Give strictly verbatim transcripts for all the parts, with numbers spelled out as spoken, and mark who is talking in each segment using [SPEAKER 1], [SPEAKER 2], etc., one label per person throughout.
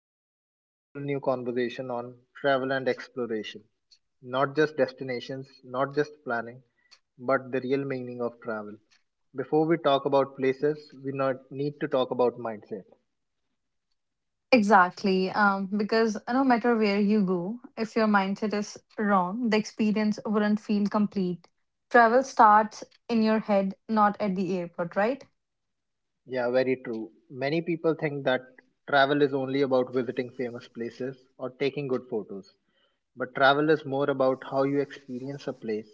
[SPEAKER 1] we are starting a full new conversation on travel and exploration. Not just destinations, not just planning, but the real meaning of travel. Before we talk about places, we not need to talk about mindset.
[SPEAKER 2] Exactly, um, because uh, no matter where you go, if your mindset is wrong, the experience wouldn't feel complete. Travel starts in your head, not at the airport, right?
[SPEAKER 1] Yeah, very true. Many people think that travel is only about visiting famous places or taking good photos. But travel is more about how you experience a place,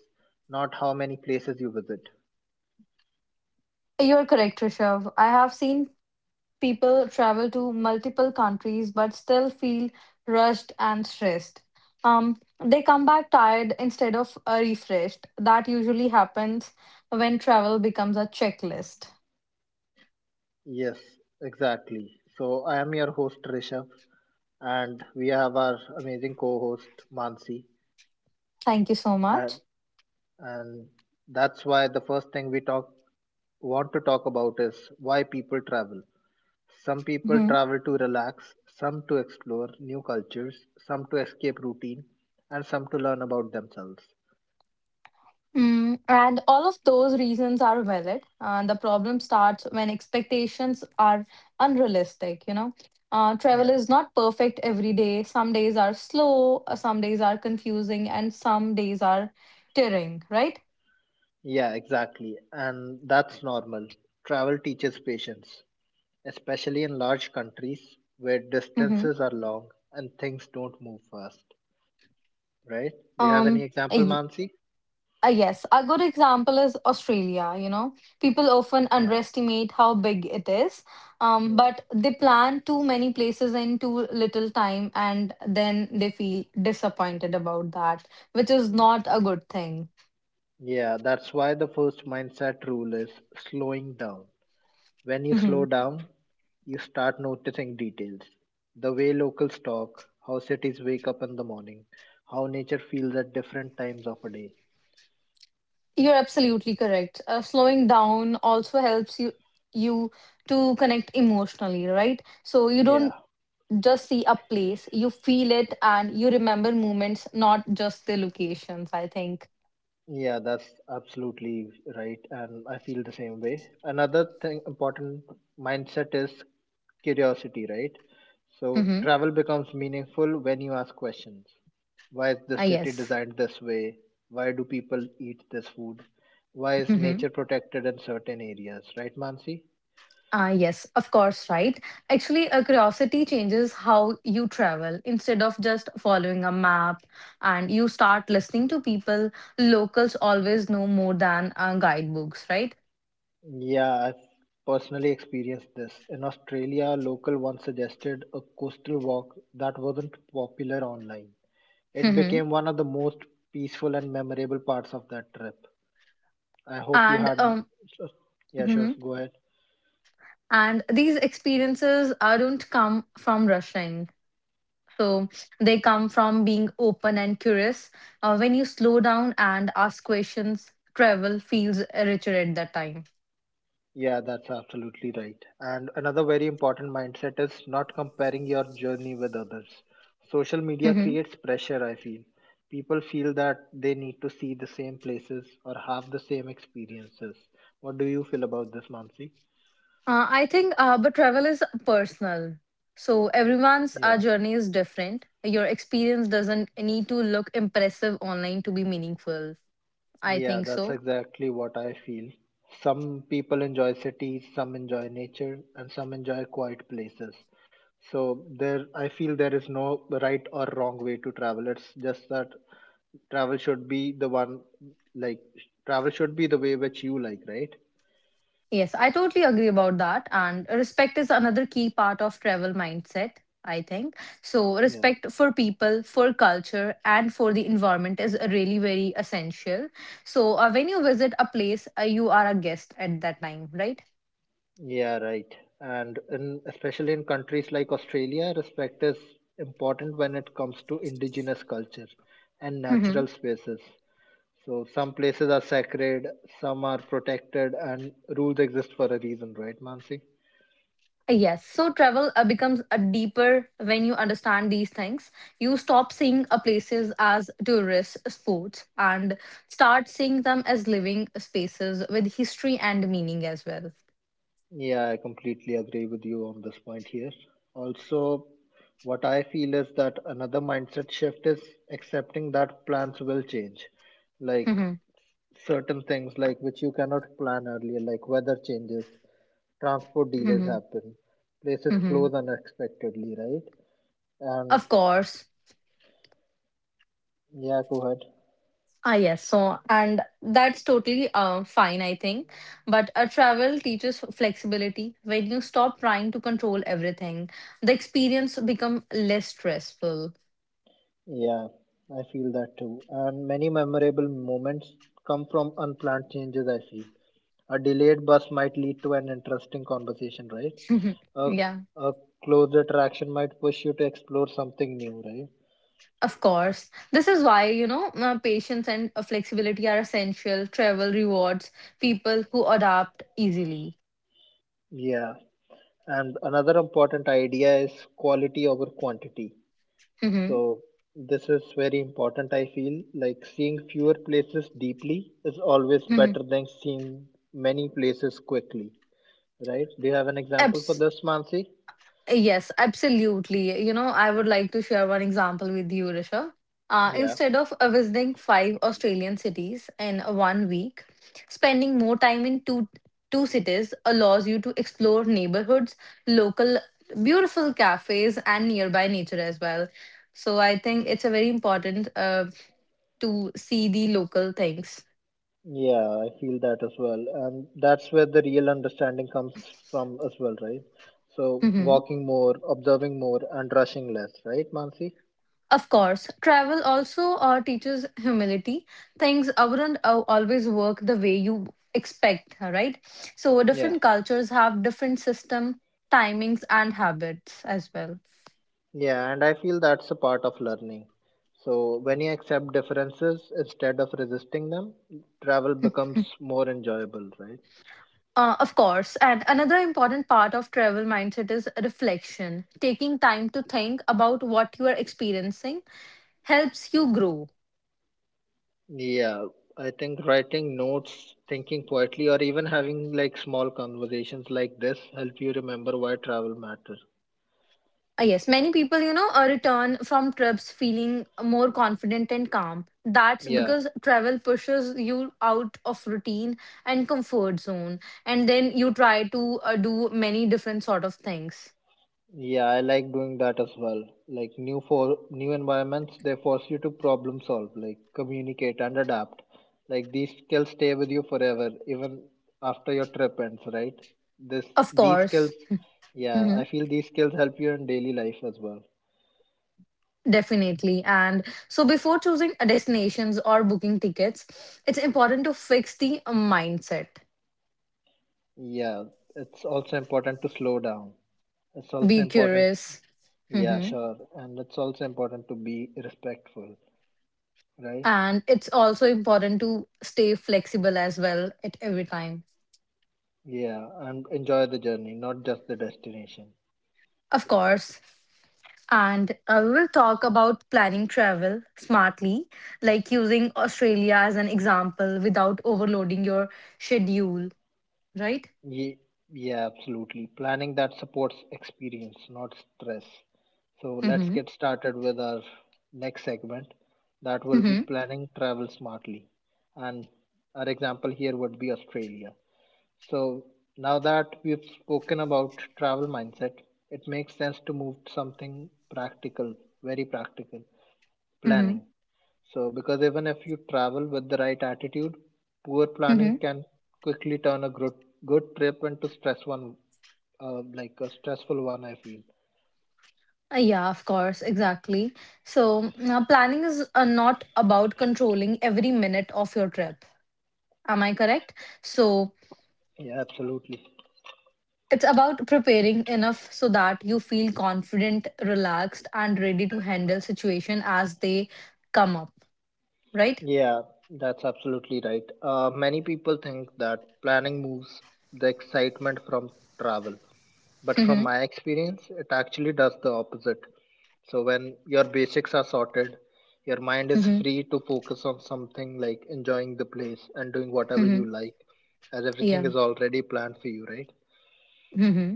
[SPEAKER 1] not how many places you visit.
[SPEAKER 2] You're correct, Rishabh. I have seen people travel to multiple countries but still feel rushed and stressed. Um, they come back tired instead of uh, refreshed. That usually happens when travel becomes a checklist.
[SPEAKER 1] Yes, exactly. So I am your host Rishabh, and we have our amazing co-host Mansi,
[SPEAKER 2] Thank you so
[SPEAKER 1] and,
[SPEAKER 2] much.
[SPEAKER 1] and that's why the first thing we talk want to talk about is why people travel. Some people
[SPEAKER 2] Mhm.
[SPEAKER 1] travel to relax, some to explore new cultures, some to escape routine, and some to learn about themselves.
[SPEAKER 2] Mm, and all of those reasons are valid. And the problem starts when expectations are unrealistic, you know. Uh, travel
[SPEAKER 1] Yeah.
[SPEAKER 2] is not perfect every day. Some days are slow, uh, some days are confusing, and some days are tiring, right?
[SPEAKER 1] Yeah, exactly. And that's normal. Travel teaches patience, especially in large countries where
[SPEAKER 2] Mm-hmm.
[SPEAKER 1] distances are long and things don't move fast, right? Do you have any
[SPEAKER 2] Um,
[SPEAKER 1] example, Mansi?
[SPEAKER 2] Uh, yes, a good example is Australia. You know, people often
[SPEAKER 1] Yeah,
[SPEAKER 2] underestimate how big it is, um,
[SPEAKER 1] yeah.
[SPEAKER 2] but they plan too many places in too little time, and then they feel disappointed about that, which is
[SPEAKER 1] Mm.
[SPEAKER 2] not a good thing.
[SPEAKER 1] Yeah, that's why the first mindset rule is slowing down. When you slow
[SPEAKER 2] Mhm.
[SPEAKER 1] down, you start noticing details. The way locals talk, how cities wake up in the morning, how nature feels at different times of a day.
[SPEAKER 2] You're absolutely correct. Uh, slowing down also helps you you to connect emotionally, right? So you don't
[SPEAKER 1] Yeah,
[SPEAKER 2] just see a place, you feel it, and you remember moments, not just the locations. I think.
[SPEAKER 1] yeah, that's absolutely right. And I feel the same way. Another thing, important mindset is curiosity, right? So
[SPEAKER 2] Mm-hmm.
[SPEAKER 1] travel becomes meaningful when you ask questions. Why is the
[SPEAKER 2] Ah,
[SPEAKER 1] city
[SPEAKER 2] yes.
[SPEAKER 1] designed this way? Why do people eat this food? Why is
[SPEAKER 2] Hmm.
[SPEAKER 1] nature protected in certain areas, right, Mansi?
[SPEAKER 2] Ah, yes, of course, right? Actually, a curiosity changes how you travel. Instead of just following a map and you start listening to people, locals always know more than uh, guidebooks, right?
[SPEAKER 1] Yeah, I've personally experienced this. In Australia, a local once suggested a coastal walk that wasn't popular online. It
[SPEAKER 2] Hmm.
[SPEAKER 1] became one of the most peaceful and memorable parts of that trip. I hope you
[SPEAKER 2] And
[SPEAKER 1] had.
[SPEAKER 2] um,
[SPEAKER 1] Yeah, sure.
[SPEAKER 2] mhm.
[SPEAKER 1] Go ahead.
[SPEAKER 2] And these experiences uh, don't come from rushing. So they come from being open and curious. Uh, when you slow down and ask questions, travel feels richer at that time.
[SPEAKER 1] Yeah, that's absolutely right. And another very important mindset is not comparing your journey with others. Social media
[SPEAKER 2] Mm-hmm.
[SPEAKER 1] creates pressure, I feel. People feel that they need to see the same places or have the same experiences. What do you feel about this, Mansi?
[SPEAKER 2] Uh, I think, uh, but travel is personal. So everyone's uh,
[SPEAKER 1] Yeah.
[SPEAKER 2] journey is different. Your experience doesn't need to look impressive online to be meaningful. I
[SPEAKER 1] Yeah,
[SPEAKER 2] think
[SPEAKER 1] that's
[SPEAKER 2] so.
[SPEAKER 1] exactly what I feel. Some people enjoy cities, some enjoy nature, and some enjoy quiet places. So there, I feel there is no right or wrong way to travel. It's just that travel should be the one, like travel should be the way which you like, right?
[SPEAKER 2] Yes, I totally agree about that. And respect is another key part of travel mindset, I think. So
[SPEAKER 1] Yeah,
[SPEAKER 2] respect for people, for culture, and for the environment is really very essential. So uh, when you visit a place, uh, you are a guest at that time, right?
[SPEAKER 1] yeah, right. And in, especially in countries like Australia, respect is important when it comes to indigenous culture and
[SPEAKER 2] Mm-hmm.
[SPEAKER 1] natural spaces. So some places are sacred, some are protected, and rules exist for a reason, right, Mansi?
[SPEAKER 2] Yes, so travel uh, becomes a deeper when you understand these things. You stop seeing uh, places as tourist spots and start seeing them as living spaces with history and meaning as well.
[SPEAKER 1] Yeah, I completely agree with you on this point here. Also, what I feel is that another mindset shift is accepting that plans will change. Like
[SPEAKER 2] Mhm,
[SPEAKER 1] certain things like which you cannot plan earlier, like weather changes, transport delays
[SPEAKER 2] mhm,
[SPEAKER 1] happen, places
[SPEAKER 2] mhm.
[SPEAKER 1] close unexpectedly, right? And
[SPEAKER 2] Of course.
[SPEAKER 1] yeah, go ahead.
[SPEAKER 2] Ah, yes. So, and that's totally uh, fine, I think. But a travel teaches flexibility. When you stop trying to control everything, the experience become less stressful.
[SPEAKER 1] Yeah, I feel that too. And many memorable moments come from unplanned changes, I feel. A delayed bus might lead to an interesting conversation, right? A,
[SPEAKER 2] Yeah.
[SPEAKER 1] a closer traction might push you to explore something new, right?
[SPEAKER 2] Of course. This is why, you know, uh, patience and uh, flexibility are essential. Travel rewards people who adapt easily.
[SPEAKER 1] Yeah. And another important idea is quality over quantity.
[SPEAKER 2] Hmm.
[SPEAKER 1] So this is very important, I feel. Like seeing fewer places deeply is always
[SPEAKER 2] Hmm.
[SPEAKER 1] better than seeing many places quickly, right? Do you have an example for this, Mansi?
[SPEAKER 2] Yes, absolutely. You know, I would like to share one example with you, Risha. Uh,
[SPEAKER 1] Yeah,
[SPEAKER 2] instead of uh, visiting five Australian cities in one week, spending more time in two two cities allows you to explore neighborhoods, local beautiful cafes, and nearby nature as well. So I think it's a very important uh, to see the local things.
[SPEAKER 1] yeah, I feel that as well. And that's where the real understanding comes from as well, right? So
[SPEAKER 2] Mm-hmm.
[SPEAKER 1] walking more, observing more, and rushing less, right, Mansi?
[SPEAKER 2] Of course, travel also uh, teaches humility. Things wouldn't uh, always work the way you expect, right? So
[SPEAKER 1] Yeah,
[SPEAKER 2] different cultures have different system, timings, and habits as well.
[SPEAKER 1] yeah, and I feel that's a part of learning. So when you accept differences instead of resisting them, travel becomes more enjoyable, right?
[SPEAKER 2] Uh, of course, and another important part of travel mindset is reflection. Taking time to think about what you are experiencing helps you grow.
[SPEAKER 1] Yeah, I think writing notes, thinking quietly, or even having like small conversations like this help you remember why travel matters.
[SPEAKER 2] Uh, yes, many people, you know, uh, return from trips feeling more confident and calm. That's
[SPEAKER 1] Yeah,
[SPEAKER 2] because travel pushes you out of routine and comfort zone, and then you try to uh, do many different sort of things.
[SPEAKER 1] yeah, I like doing that as well. Like new for new environments, they force you to problem solve, like communicate and adapt. Like these skills stay with you forever, even after your trip ends, right? This
[SPEAKER 2] Of
[SPEAKER 1] these
[SPEAKER 2] course.
[SPEAKER 1] skills, yeah,
[SPEAKER 2] Hmm.
[SPEAKER 1] I feel these skills help you in daily life as well.
[SPEAKER 2] Definitely. And so before choosing uh, destinations or booking tickets, it's important to fix the uh, mindset.
[SPEAKER 1] Yeah, it's also important to slow down. It's also
[SPEAKER 2] Be
[SPEAKER 1] important,
[SPEAKER 2] curious.
[SPEAKER 1] yeah,
[SPEAKER 2] Hmm.
[SPEAKER 1] sure, and it's also important to be respectful, right?
[SPEAKER 2] And it's also important to stay flexible as well at every time.
[SPEAKER 1] Yeah, and enjoy the journey, not just the destination.
[SPEAKER 2] Of course, and I will talk about planning travel smartly, like using Australia as an example without overloading your schedule, right?
[SPEAKER 1] Ye- yeah, absolutely. Planning that supports experience, not stress. So let's
[SPEAKER 2] Mm-hmm.
[SPEAKER 1] get started with our next segment. That will be
[SPEAKER 2] Mm-hmm.
[SPEAKER 1] planning travel smartly. And our example here would be Australia. So, now that we've spoken about travel mindset, it makes sense to move to something practical, very practical
[SPEAKER 2] Mm-hmm.
[SPEAKER 1] planning. So, because even if you travel with the right attitude, poor planning
[SPEAKER 2] Mm-hmm.
[SPEAKER 1] can quickly turn a good good trip into stress one, uh, like a stressful one. I feel.
[SPEAKER 2] Uh, Yeah, of course, exactly. So, mm, uh, planning is uh, not about controlling every minute of your trip. Am I correct? So,
[SPEAKER 1] Yeah, absolutely.
[SPEAKER 2] it's about preparing enough so that you feel confident, relaxed, and ready to handle situation as they come up, right?
[SPEAKER 1] Yeah, that's absolutely right. Uh, many people think that planning moves the excitement from travel, but from
[SPEAKER 2] Mm-hmm.
[SPEAKER 1] my experience, it actually does the opposite. So when your basics are sorted, your mind is free to focus on something like enjoying the place and doing whatever
[SPEAKER 2] Mm-hmm.
[SPEAKER 1] you like, as
[SPEAKER 2] Yeah.
[SPEAKER 1] everything is already planned for you, right?
[SPEAKER 2] Mm-hmm.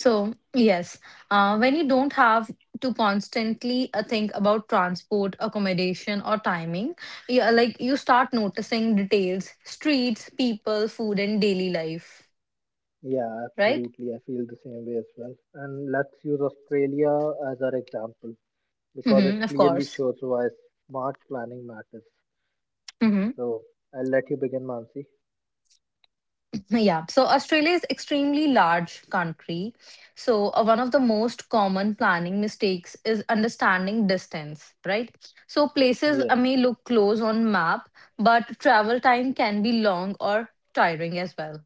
[SPEAKER 2] So, yes, uh, when you don't have to constantly uh, think about transport, accommodation, or timing, yeah, like you start noticing details, streets, people, food, and daily life,
[SPEAKER 1] Yeah,
[SPEAKER 2] right?
[SPEAKER 1] absolutely. I feel the same way as well. And let's use Australia as our example because
[SPEAKER 2] Mm-hmm.
[SPEAKER 1] it
[SPEAKER 2] Of
[SPEAKER 1] clearly
[SPEAKER 2] course.
[SPEAKER 1] shows why smart planning matters.
[SPEAKER 2] Mm-hmm.
[SPEAKER 1] So I'll let you begin, Mansi.
[SPEAKER 2] Yeah, so Australia is extremely large country. So uh, one of the most common planning mistakes is understanding distance, right? So places
[SPEAKER 1] Yeah.
[SPEAKER 2] uh, may look close on map, but travel time can be long or tiring as well.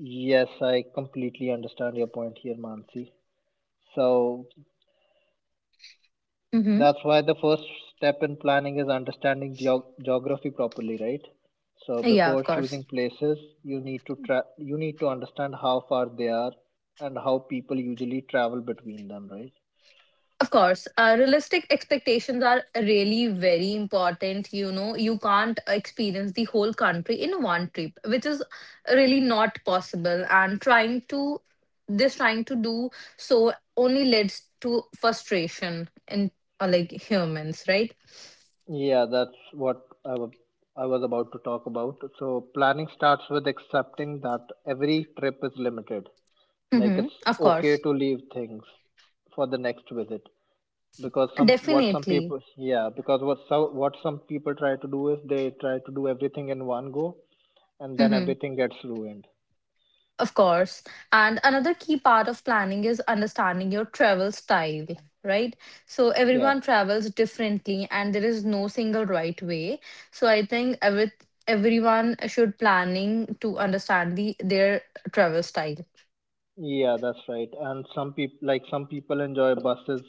[SPEAKER 1] Yes, I completely understand your point here, Mansi. So
[SPEAKER 2] Mm-hmm.
[SPEAKER 1] that's why the first step in planning is understanding geo- geography properly, right? So
[SPEAKER 2] Yeah, of
[SPEAKER 1] before
[SPEAKER 2] course.
[SPEAKER 1] choosing places, you need to tra- you need to understand how far they are and how people usually travel between them, right?
[SPEAKER 2] Of course, uh, realistic expectations are really very important. You know, you can't experience the whole country in one trip, which is really not possible. And trying to, this trying to do so only leads to frustration in uh, like humans, right?
[SPEAKER 1] Yeah, that's what I wa- I was about to talk about. So planning starts with accepting that every trip is limited. Like
[SPEAKER 2] Mm-hmm.
[SPEAKER 1] it's
[SPEAKER 2] Of
[SPEAKER 1] okay
[SPEAKER 2] course,
[SPEAKER 1] to leave things for the next visit, because some what some
[SPEAKER 2] definitely.
[SPEAKER 1] people yeah, because what so what some people try to do is they try to do everything in one go, and then
[SPEAKER 2] Mm-hmm.
[SPEAKER 1] everything gets ruined.
[SPEAKER 2] Of course. And another key part of planning is understanding your travel style, right? So
[SPEAKER 1] Yeah,
[SPEAKER 2] everyone travels differently and there is no single right way. So I think every everyone should planning to understand the their travel style.
[SPEAKER 1] yeah, that's right. And some people, like some people enjoy buses,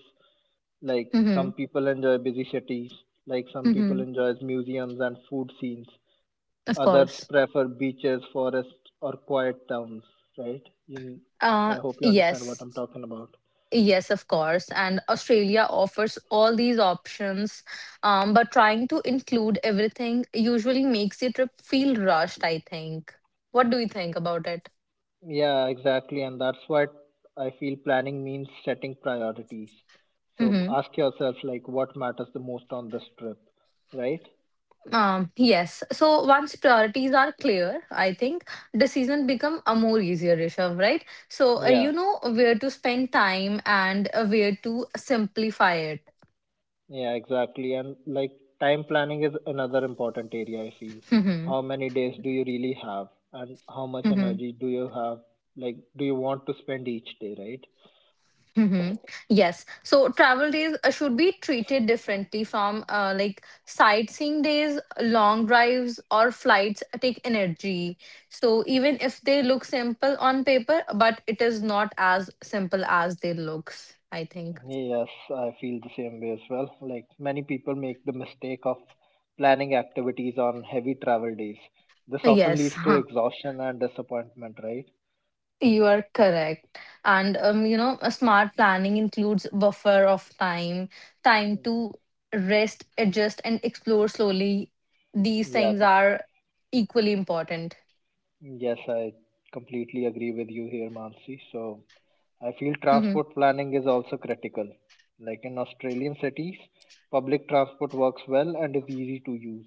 [SPEAKER 1] like
[SPEAKER 2] Mm-hmm.
[SPEAKER 1] some people enjoy busy cities, like some people
[SPEAKER 2] Mm-hmm.
[SPEAKER 1] enjoys museums and food scenes,
[SPEAKER 2] Of
[SPEAKER 1] others
[SPEAKER 2] course.
[SPEAKER 1] prefer beaches, forests, or quiet towns, right, you,
[SPEAKER 2] Uh
[SPEAKER 1] I hope you understand what
[SPEAKER 2] yes.
[SPEAKER 1] I'm talking about.
[SPEAKER 2] Yes, of course. And Australia offers all these options, um, but trying to include everything usually makes your trip feel rushed, I think. What do you think about it?
[SPEAKER 1] Yeah, exactly. And that's what I feel planning means setting priorities. So
[SPEAKER 2] Hmm.
[SPEAKER 1] ask yourself, like, what matters the most on this trip, right?
[SPEAKER 2] Um, yes. So once priorities are clear, I think decisions become a more easier, Rishabh, right? So uh,
[SPEAKER 1] Yeah,
[SPEAKER 2] you know where to spend time and uh, where to simplify it.
[SPEAKER 1] yeah, exactly. And like, time planning is another important area, I feel.
[SPEAKER 2] Hmm.
[SPEAKER 1] How many days do you really have? And how much
[SPEAKER 2] Hmm.
[SPEAKER 1] energy do you have? Like, do you want to spend each day, right?
[SPEAKER 2] Mm-hmm. Yes. So travel days uh, should be treated differently from uh, like sightseeing days, long drives, or flights take energy. So even if they look simple on paper, but it is not as simple as they looks, I think.
[SPEAKER 1] Yes, I feel the same way as well. Like many people make the mistake of planning activities on heavy travel days. This often
[SPEAKER 2] Yes,
[SPEAKER 1] leads to exhaustion and disappointment, right?
[SPEAKER 2] you are correct. And um, you know, a smart planning includes buffer of time, time to rest, adjust, and explore slowly. These
[SPEAKER 1] Yeah,
[SPEAKER 2] things are equally important.
[SPEAKER 1] yes, I completely agree with you here, Mansi. So I feel
[SPEAKER 2] Mm-hmm.
[SPEAKER 1] transport planning is also critical. Like in Australian cities, public transport works well and is easy to use.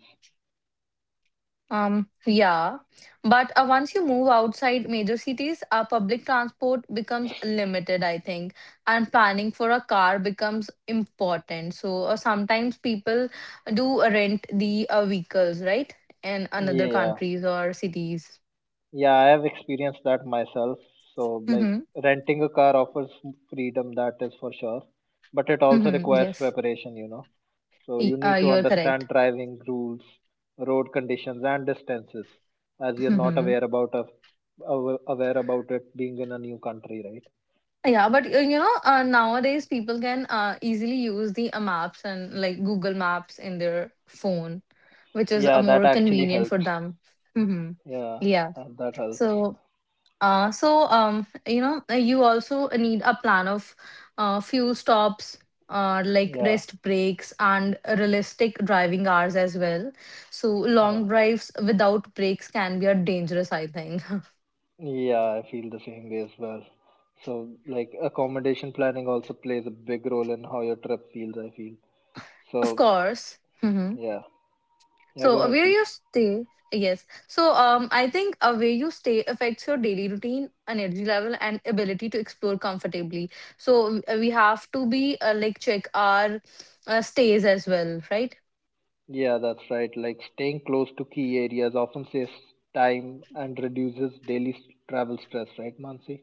[SPEAKER 2] Um, yeah, but uh, once you move outside major cities, uh, public transport becomes limited, I think, and planning for a car becomes important. So uh, sometimes people do rent the uh, vehicles, right, in another
[SPEAKER 1] Yeah,
[SPEAKER 2] countries or cities.
[SPEAKER 1] yeah, I have experienced that myself. So, like,
[SPEAKER 2] Mm-hmm.
[SPEAKER 1] renting a car offers freedom, that is for sure. But it also
[SPEAKER 2] Mm-hmm.
[SPEAKER 1] requires
[SPEAKER 2] Yes,
[SPEAKER 1] preparation, you know. So, you
[SPEAKER 2] Y- uh,
[SPEAKER 1] need to
[SPEAKER 2] you're correct.
[SPEAKER 1] understand driving rules, road conditions, and distances, as you're not aware about of, aw- aware about it being in a new country, right?
[SPEAKER 2] Yeah, but uh, you know, uh, nowadays people can uh, easily use the uh, maps and like Google Maps in their phone, which is uh,
[SPEAKER 1] Yeah, that
[SPEAKER 2] more
[SPEAKER 1] actually
[SPEAKER 2] convenient for
[SPEAKER 1] helps.
[SPEAKER 2] them. Hmm.
[SPEAKER 1] Yeah,
[SPEAKER 2] Yeah.
[SPEAKER 1] and that helps.
[SPEAKER 2] So, uh, so um, you know, uh, you also need a plan of uh, fuel stops, uh, like
[SPEAKER 1] Yeah,
[SPEAKER 2] rest breaks and realistic driving hours as well. So
[SPEAKER 1] yeah.
[SPEAKER 2] long drives without breaks can be a dangerous, I think.
[SPEAKER 1] Yeah, I feel the same way as well. So, like, accommodation planning also plays a big role in how your trip feels, I feel.
[SPEAKER 2] Of
[SPEAKER 1] So,
[SPEAKER 2] course. Mm-hmm.
[SPEAKER 1] yeah. Yeah,
[SPEAKER 2] So
[SPEAKER 1] go
[SPEAKER 2] uh,
[SPEAKER 1] ahead,
[SPEAKER 2] where
[SPEAKER 1] please.
[SPEAKER 2] you stay, yes. So um, I think uh, where you stay affects your daily routine, energy level, and ability to explore comfortably. So uh, we have to be uh, like check our uh, stays as well, right?
[SPEAKER 1] Yeah, that's right. Like, staying close to key areas often saves time and reduces daily s- travel stress, right, Mansi?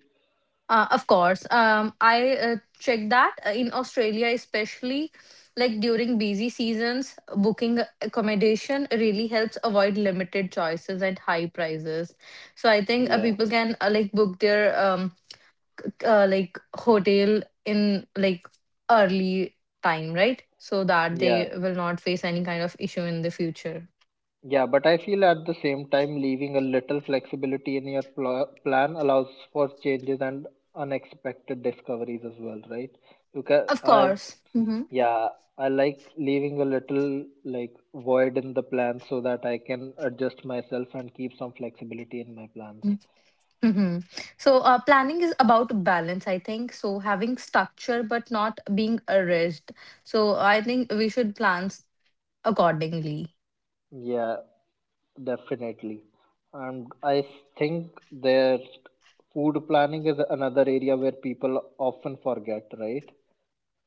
[SPEAKER 2] Uh, of course. Um, I uh, check that uh, in Australia, especially like during busy seasons, booking accommodation really helps avoid limited choices and high prices. So I think uh,
[SPEAKER 1] Yeah.
[SPEAKER 2] people can uh, like book their um uh, like hotel in like early time, right? So that
[SPEAKER 1] Yeah.
[SPEAKER 2] they will not face any kind of issue in the future.
[SPEAKER 1] Yeah, but I feel at the same time, leaving a little flexibility in your pl- plan allows for changes and unexpected discoveries as well, right? You can,
[SPEAKER 2] Of
[SPEAKER 1] I
[SPEAKER 2] course. Hmm.
[SPEAKER 1] Yeah, I like leaving a little like void in the plan so that I can adjust myself and keep some flexibility in my plans.
[SPEAKER 2] Hmm. So uh, planning is about balance, I think. So having structure but not being a rigid. So I think we should plan s- accordingly.
[SPEAKER 1] Yeah, definitely. And I think their food planning is another area where people often forget, right?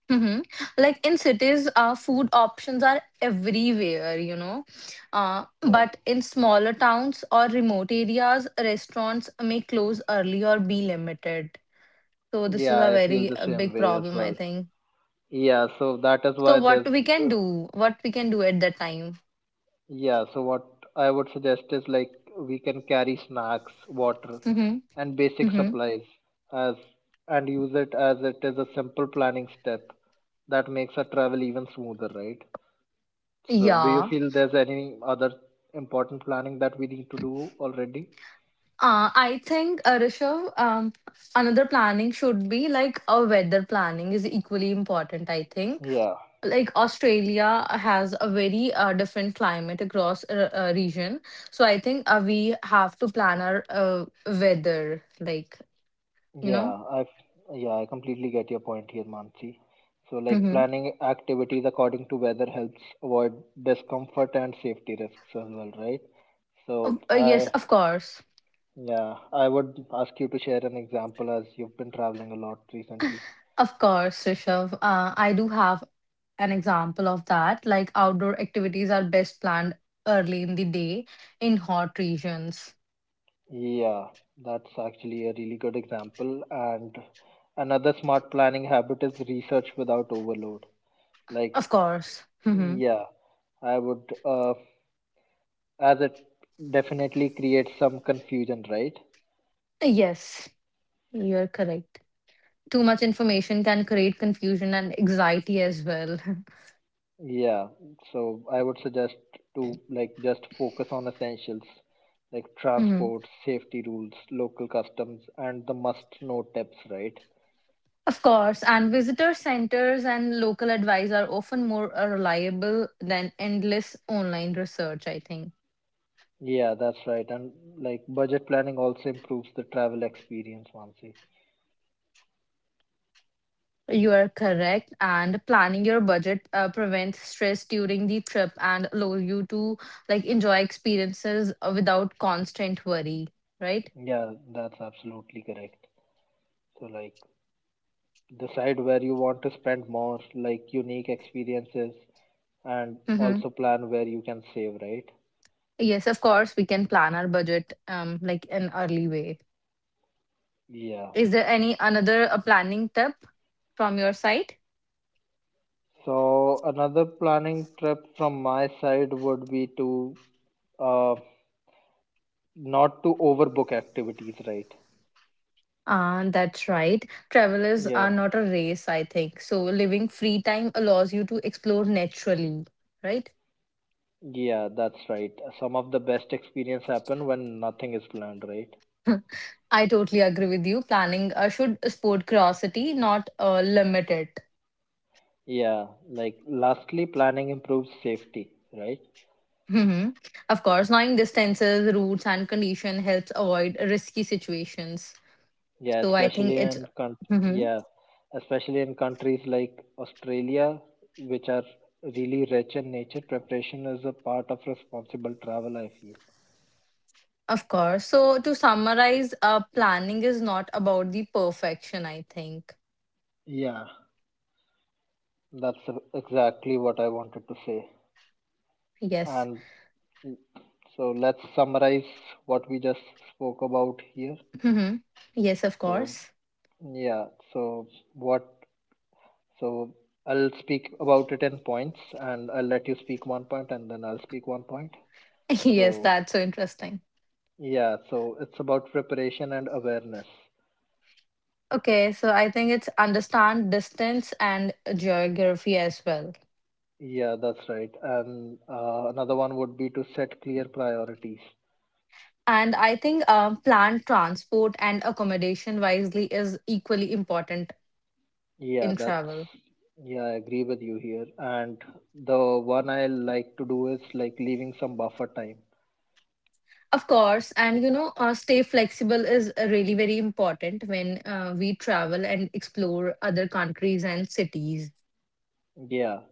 [SPEAKER 2] Mm-hmm. Like in cities, uh, food options are everywhere, you know. Uh,
[SPEAKER 1] Yeah.
[SPEAKER 2] but in smaller towns or remote areas, restaurants may close early or be limited. So this is
[SPEAKER 1] Yeah,
[SPEAKER 2] a
[SPEAKER 1] I feel
[SPEAKER 2] very
[SPEAKER 1] the
[SPEAKER 2] uh,
[SPEAKER 1] same
[SPEAKER 2] big
[SPEAKER 1] way as
[SPEAKER 2] problem, I
[SPEAKER 1] well.
[SPEAKER 2] think.
[SPEAKER 1] Yeah, so that is
[SPEAKER 2] So
[SPEAKER 1] why
[SPEAKER 2] what
[SPEAKER 1] there's
[SPEAKER 2] we can
[SPEAKER 1] uh,
[SPEAKER 2] do, what we can do at that time.
[SPEAKER 1] yeah, so what I would suggest is like we can carry snacks, water,
[SPEAKER 2] Mm-hmm.
[SPEAKER 1] and basic
[SPEAKER 2] Mm-hmm.
[SPEAKER 1] supplies as and use it as it is a simple planning step that makes our travel even smoother, right? So do you
[SPEAKER 2] Yeah.
[SPEAKER 1] feel there's any other important planning that we need to do already?
[SPEAKER 2] Uh, I think, uh, Rishabh, um, another planning should be like a weather planning is equally important, I think.
[SPEAKER 1] Yeah,
[SPEAKER 2] Like Australia has a very uh, different climate across a, a region. So I think uh, we have to plan our uh, weather like you know
[SPEAKER 1] yeah, I've yeah, I completely get your point here, Mansi. So like
[SPEAKER 2] hmm.
[SPEAKER 1] planning activities according to weather helps avoid discomfort and safety risks as well, right?
[SPEAKER 2] Uh,
[SPEAKER 1] So
[SPEAKER 2] yes,
[SPEAKER 1] I
[SPEAKER 2] of course.
[SPEAKER 1] Yeah, I would ask you to share an example as you've been traveling a lot recently.
[SPEAKER 2] Of course, rishav uh, I do have an example of that, like outdoor activities are best planned early in the day in hot regions.
[SPEAKER 1] Yeah, that's actually a really good example. And another smart planning habit is research without overload. Like,
[SPEAKER 2] Of course. Hmm.
[SPEAKER 1] yeah, I would, uh, as it definitely creates some confusion, right?
[SPEAKER 2] Yes, you're correct. Too much information can create confusion and anxiety as well.
[SPEAKER 1] Yeah, so I would suggest to like just focus on essentials like
[SPEAKER 2] Mhm.
[SPEAKER 1] transport, safety rules, local customs, and the must know tips, right?
[SPEAKER 2] Of course, and visitor centers and local advice are often more uh, reliable than endless online research, I think.
[SPEAKER 1] Yeah, that's right. And like budget planning also improves the travel experience, Mansi.
[SPEAKER 2] You are correct, and planning your budget uh, prevents stress during the trip and allow you to like enjoy experiences uh, without constant worry, right?
[SPEAKER 1] Yeah, that's absolutely correct. So like decide where you want to spend more, like unique experiences, and
[SPEAKER 2] Mm-hmm.
[SPEAKER 1] also plan where you can save, right?
[SPEAKER 2] Yes, of course, we can plan our budget um like an early way.
[SPEAKER 1] Yeah.
[SPEAKER 2] Is there any another uh, planning tip from your side?
[SPEAKER 1] So another planning trip from my side would be to uh not to overbook activities, right?
[SPEAKER 2] Ah, that's right. Travelers
[SPEAKER 1] Yeah.
[SPEAKER 2] are not a race, I think. So living free time allows you to explore naturally, right?
[SPEAKER 1] Yeah, that's right. Some of the best experience happen when nothing is planned, right?
[SPEAKER 2] I totally agree with you. Planning uh, should sport curiosity, not uh, limit it.
[SPEAKER 1] Yeah, like lastly, planning improves safety, right?
[SPEAKER 2] Mhm. Of course, knowing distances, routes, and condition helps avoid risky situations.
[SPEAKER 1] Yeah,
[SPEAKER 2] So I think
[SPEAKER 1] especially
[SPEAKER 2] it's.
[SPEAKER 1] in country,
[SPEAKER 2] Mhm.
[SPEAKER 1] yeah, especially in countries like Australia, which are really rich in nature, preparation is a part of responsible travel, I feel.
[SPEAKER 2] Of course. So to summarize, uh, planning is not about the perfection, I think.
[SPEAKER 1] Yeah, that's e- exactly what I wanted to say.
[SPEAKER 2] Yes.
[SPEAKER 1] And mm, so let's summarize what we just spoke about here.
[SPEAKER 2] Mhm. Yes, of
[SPEAKER 1] So,
[SPEAKER 2] course.
[SPEAKER 1] yeah, so what So I'll speak about it in points and I'll let you speak one point and then I'll speak one point.
[SPEAKER 2] Yes,
[SPEAKER 1] So,
[SPEAKER 2] that's so interesting.
[SPEAKER 1] yeah, so it's about preparation and awareness.
[SPEAKER 2] Okay, so I think it's understand distance and geography as well.
[SPEAKER 1] Yeah, that's right. And uh, another one would be to set clear priorities.
[SPEAKER 2] And I think um, plan transport and accommodation wisely is equally important
[SPEAKER 1] Yeah,
[SPEAKER 2] in
[SPEAKER 1] that's,
[SPEAKER 2] travel.
[SPEAKER 1] yeah, I agree with you here. And the one I like to do is like leaving some buffer time.
[SPEAKER 2] Of course, and you know, uh, stay flexible is really very important when uh, we travel and explore other countries and cities.
[SPEAKER 1] Yeah.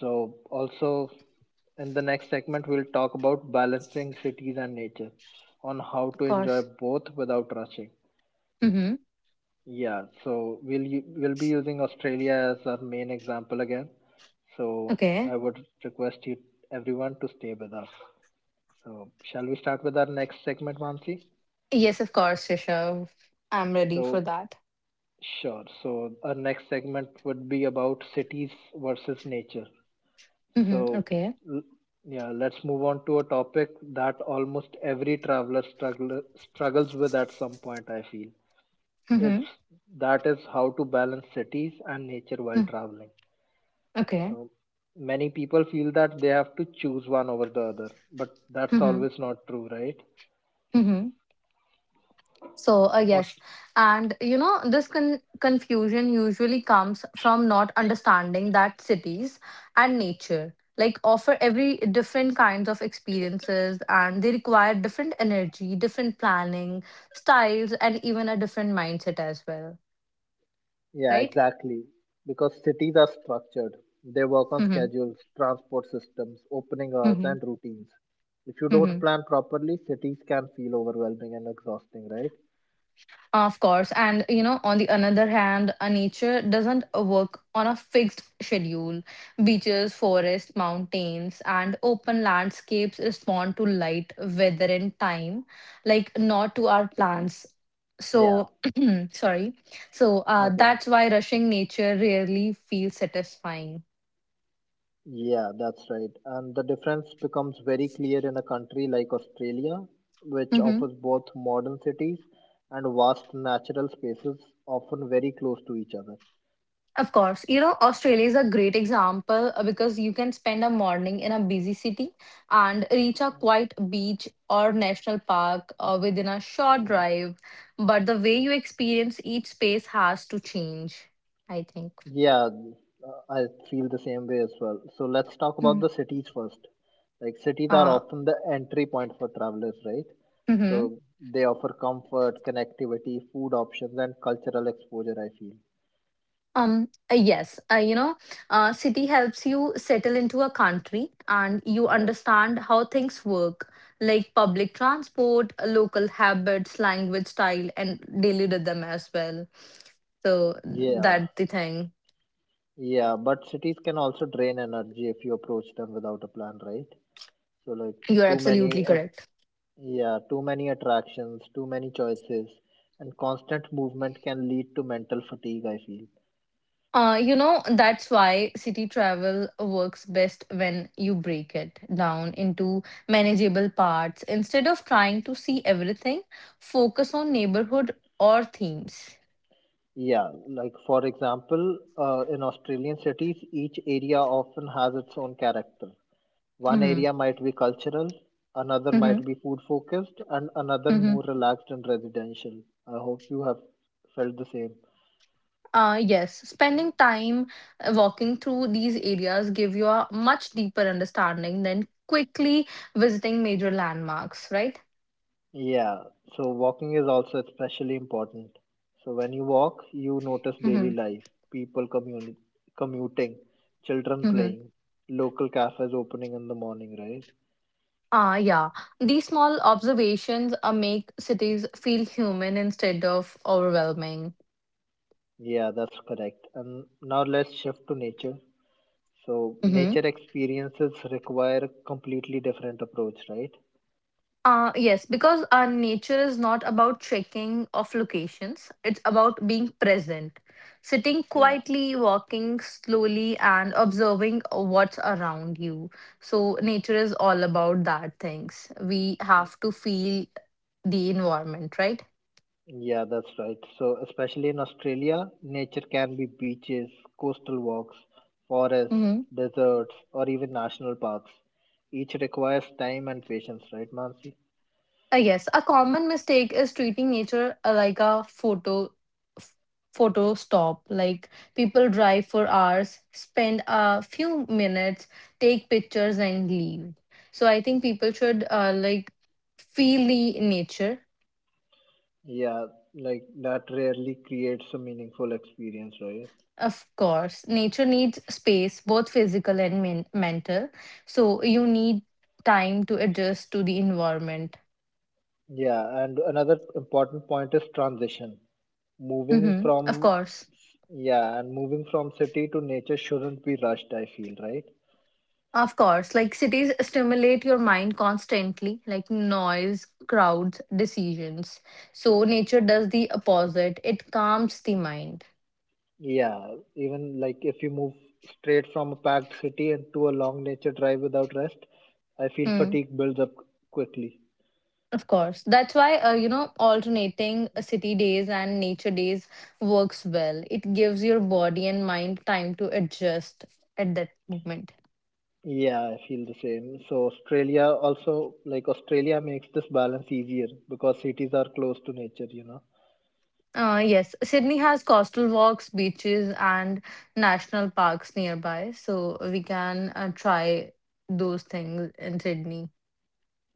[SPEAKER 1] So also, in the next segment, we'll talk about balancing cities and nature on how
[SPEAKER 2] Of
[SPEAKER 1] to enjoy
[SPEAKER 2] course.
[SPEAKER 1] both without rushing.
[SPEAKER 2] Mm-hmm.
[SPEAKER 1] Yeah, so we'll u- we'll be using Australia as our main example again. So
[SPEAKER 2] Okay.
[SPEAKER 1] I would request you everyone to stay with us. So shall we start with our next segment, Mansi?
[SPEAKER 2] Yes, of course, Rishabh. I'm ready for
[SPEAKER 1] So
[SPEAKER 2] that.
[SPEAKER 1] sure. So our next segment would be about cities versus nature.
[SPEAKER 2] Mm-hmm.
[SPEAKER 1] So,
[SPEAKER 2] Okay.
[SPEAKER 1] l- yeah, let's move on to a topic that almost every traveler struggle, struggles with at some point, I feel. It's
[SPEAKER 2] Mm-hmm.
[SPEAKER 1] That is how to balance cities and nature while
[SPEAKER 2] Mm-hmm.
[SPEAKER 1] traveling.
[SPEAKER 2] Okay.
[SPEAKER 1] So, many people feel that they have to choose one over the other, but that's
[SPEAKER 2] Mm-hmm.
[SPEAKER 1] always not true, right?
[SPEAKER 2] Mm-hmm. So, uh,
[SPEAKER 1] Or
[SPEAKER 2] yes. And, you know, this con- confusion usually comes from not understanding that cities and nature like offer every different kinds of experiences and they require different energy, different planning, styles, and even a different mindset as well,
[SPEAKER 1] Yeah,
[SPEAKER 2] right?
[SPEAKER 1] exactly. Because cities are structured. They work on
[SPEAKER 2] Mm-hmm.
[SPEAKER 1] schedules, transport systems, opening hours,
[SPEAKER 2] Mm-hmm.
[SPEAKER 1] and routines. If you don't
[SPEAKER 2] Mm-hmm.
[SPEAKER 1] plan properly, cities can feel overwhelming and exhausting, right?
[SPEAKER 2] Of course. And, you know, on the another hand, a nature doesn't work on a fixed schedule. Beaches, forests, mountains, and open landscapes respond to light, weather, and time, like not to our plans.
[SPEAKER 1] Yeah,
[SPEAKER 2] So, sorry. So, uh,
[SPEAKER 1] no problem.
[SPEAKER 2] that's why rushing nature rarely feels satisfying.
[SPEAKER 1] Yeah, that's right. And the difference becomes very clear in a country like Australia, which
[SPEAKER 2] Mhm.
[SPEAKER 1] offers both modern cities and vast natural spaces, often very close to each other.
[SPEAKER 2] Of course, you know, Australia is a great example uh, because you can spend a morning in a busy city and reach a quiet beach or national park uh, within a short drive. But the way you experience each space has to change, I think.
[SPEAKER 1] Yeah, uh, I feel the same way as well. So let's talk about
[SPEAKER 2] Mhm.
[SPEAKER 1] the cities first. Like cities are
[SPEAKER 2] Uh,
[SPEAKER 1] often the entry point for travelers, right?
[SPEAKER 2] mhm.
[SPEAKER 1] So they offer comfort, connectivity, food options, and cultural exposure, I feel.
[SPEAKER 2] Um, uh, yes, uh, you know, uh, city helps you settle into a country and you
[SPEAKER 1] Yeah.
[SPEAKER 2] understand how things work, like public transport, uh, local habits, language style, and daily rhythm as well. So
[SPEAKER 1] Yeah.
[SPEAKER 2] that's the thing.
[SPEAKER 1] Yeah, but cities can also drain energy if you approach them without a plan, right? So like
[SPEAKER 2] You're
[SPEAKER 1] too
[SPEAKER 2] absolutely
[SPEAKER 1] many at-
[SPEAKER 2] correct.
[SPEAKER 1] yeah, too many attractions, too many choices, and constant movement can lead to mental fatigue, I feel.
[SPEAKER 2] Uh, you know, that's why city travel works best when you break it down into manageable parts. Instead of trying to see everything, focus on neighborhood or themes.
[SPEAKER 1] Yeah, like for example, uh, in Australian cities, each area often has its own character. One
[SPEAKER 2] Hmm.
[SPEAKER 1] area might be cultural, another
[SPEAKER 2] Hmm.
[SPEAKER 1] might be food focused, and another
[SPEAKER 2] Mhm.
[SPEAKER 1] more relaxed and residential. I hope you have felt the same.
[SPEAKER 2] Uh, yes, spending time uh, walking through these areas give you a much deeper understanding than quickly visiting major landmarks, right?
[SPEAKER 1] Yeah, so walking is also especially important. So when you walk, you notice daily
[SPEAKER 2] Mm-hmm.
[SPEAKER 1] life, people communi- commuting, children
[SPEAKER 2] Mm-hmm.
[SPEAKER 1] playing, local cafes opening in the morning, right?
[SPEAKER 2] Ah, yeah. These small observations uh, make cities feel human instead of overwhelming.
[SPEAKER 1] Yeah, that's correct. And now let's shift to nature. So,
[SPEAKER 2] Mm-hmm.
[SPEAKER 1] nature experiences require a completely different approach, right?
[SPEAKER 2] Uh, yes, because our nature is not about checking of locations, it's about being present, sitting
[SPEAKER 1] Yeah.
[SPEAKER 2] quietly, walking slowly, and observing what's around you. So, nature is all about that things. We have to feel the environment, right?
[SPEAKER 1] Yeah, that's right. So, especially in Australia, nature can be beaches, coastal walks, forests,
[SPEAKER 2] Mm-hmm.
[SPEAKER 1] deserts, or even national parks. Each requires time and patience, right, Mansi?
[SPEAKER 2] Uh, yes, a common mistake is treating nature uh, like a photo f- photo stop. Like, people drive for hours, spend a few minutes, take pictures and leave. So I think people should uh, like feel the nature.
[SPEAKER 1] Yeah, like that rarely creates a meaningful experience, right?
[SPEAKER 2] Of course, nature needs space, both physical and men- mental. So you need time to adjust to the environment.
[SPEAKER 1] Yeah, and another important point is transition. Moving
[SPEAKER 2] Hmm. Of
[SPEAKER 1] from,
[SPEAKER 2] course.
[SPEAKER 1] yeah, and moving from city to nature shouldn't be rushed, I feel, right?
[SPEAKER 2] Of course, like cities stimulate your mind constantly, like noise, crowds, decisions. So nature does the opposite. It calms the mind.
[SPEAKER 1] Yeah, even like if you move straight from a packed city and to a long nature drive without rest, I feel
[SPEAKER 2] Hmm.
[SPEAKER 1] fatigue builds up quickly.
[SPEAKER 2] Of course. That's why, uh, you know, alternating uh, city days and nature days works well. It gives your body and mind time to adjust at that moment.
[SPEAKER 1] Yeah, I feel the same. So Australia also, like Australia makes this balance easier because cities are close to nature, you know.
[SPEAKER 2] Uh, yes, Sydney has coastal walks, beaches, and national parks nearby, so we can uh, try those things in Sydney.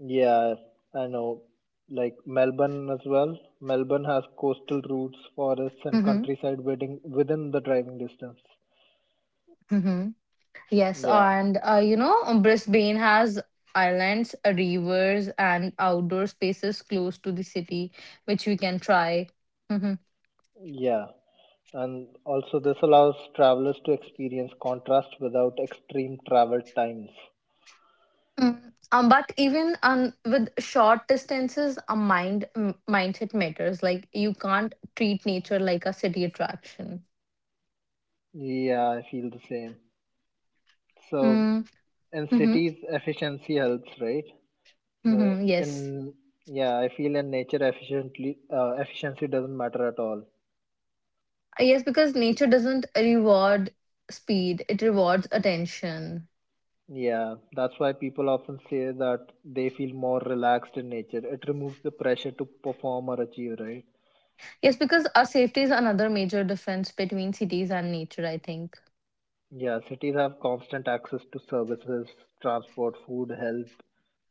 [SPEAKER 1] Yeah, I know. Like Melbourne as well. Melbourne has coastal routes, forests, and
[SPEAKER 2] Mhm,
[SPEAKER 1] countryside within within the driving distance.
[SPEAKER 2] mhm. Yes,
[SPEAKER 1] Yeah,
[SPEAKER 2] and uh, you know, um, Brisbane has islands, uh, rivers, and outdoor spaces close to the city, which we can try. Mhm.
[SPEAKER 1] yeah. And also, this allows travelers to experience contrast without extreme travel times.
[SPEAKER 2] Mm. Um, but even um, with short distances, a mind m- mindset matters. Like, you can't treat nature like a city attraction.
[SPEAKER 1] Yeah, I feel the same. So,
[SPEAKER 2] Mm,
[SPEAKER 1] in
[SPEAKER 2] mm-hmm.
[SPEAKER 1] cities, efficiency helps, right? So,
[SPEAKER 2] Mm-hmm. Yes.
[SPEAKER 1] in Yeah, I feel in nature, efficiently uh, efficiency doesn't matter at all.
[SPEAKER 2] Uh, Yes, because nature doesn't reward speed; it rewards attention.
[SPEAKER 1] Yeah, that's why people often say that they feel more relaxed in nature. It removes the pressure to perform or achieve, right?
[SPEAKER 2] Yes, because our safety is another major difference between cities and nature, I think.
[SPEAKER 1] Yeah, cities have constant access to services, transport, food, health,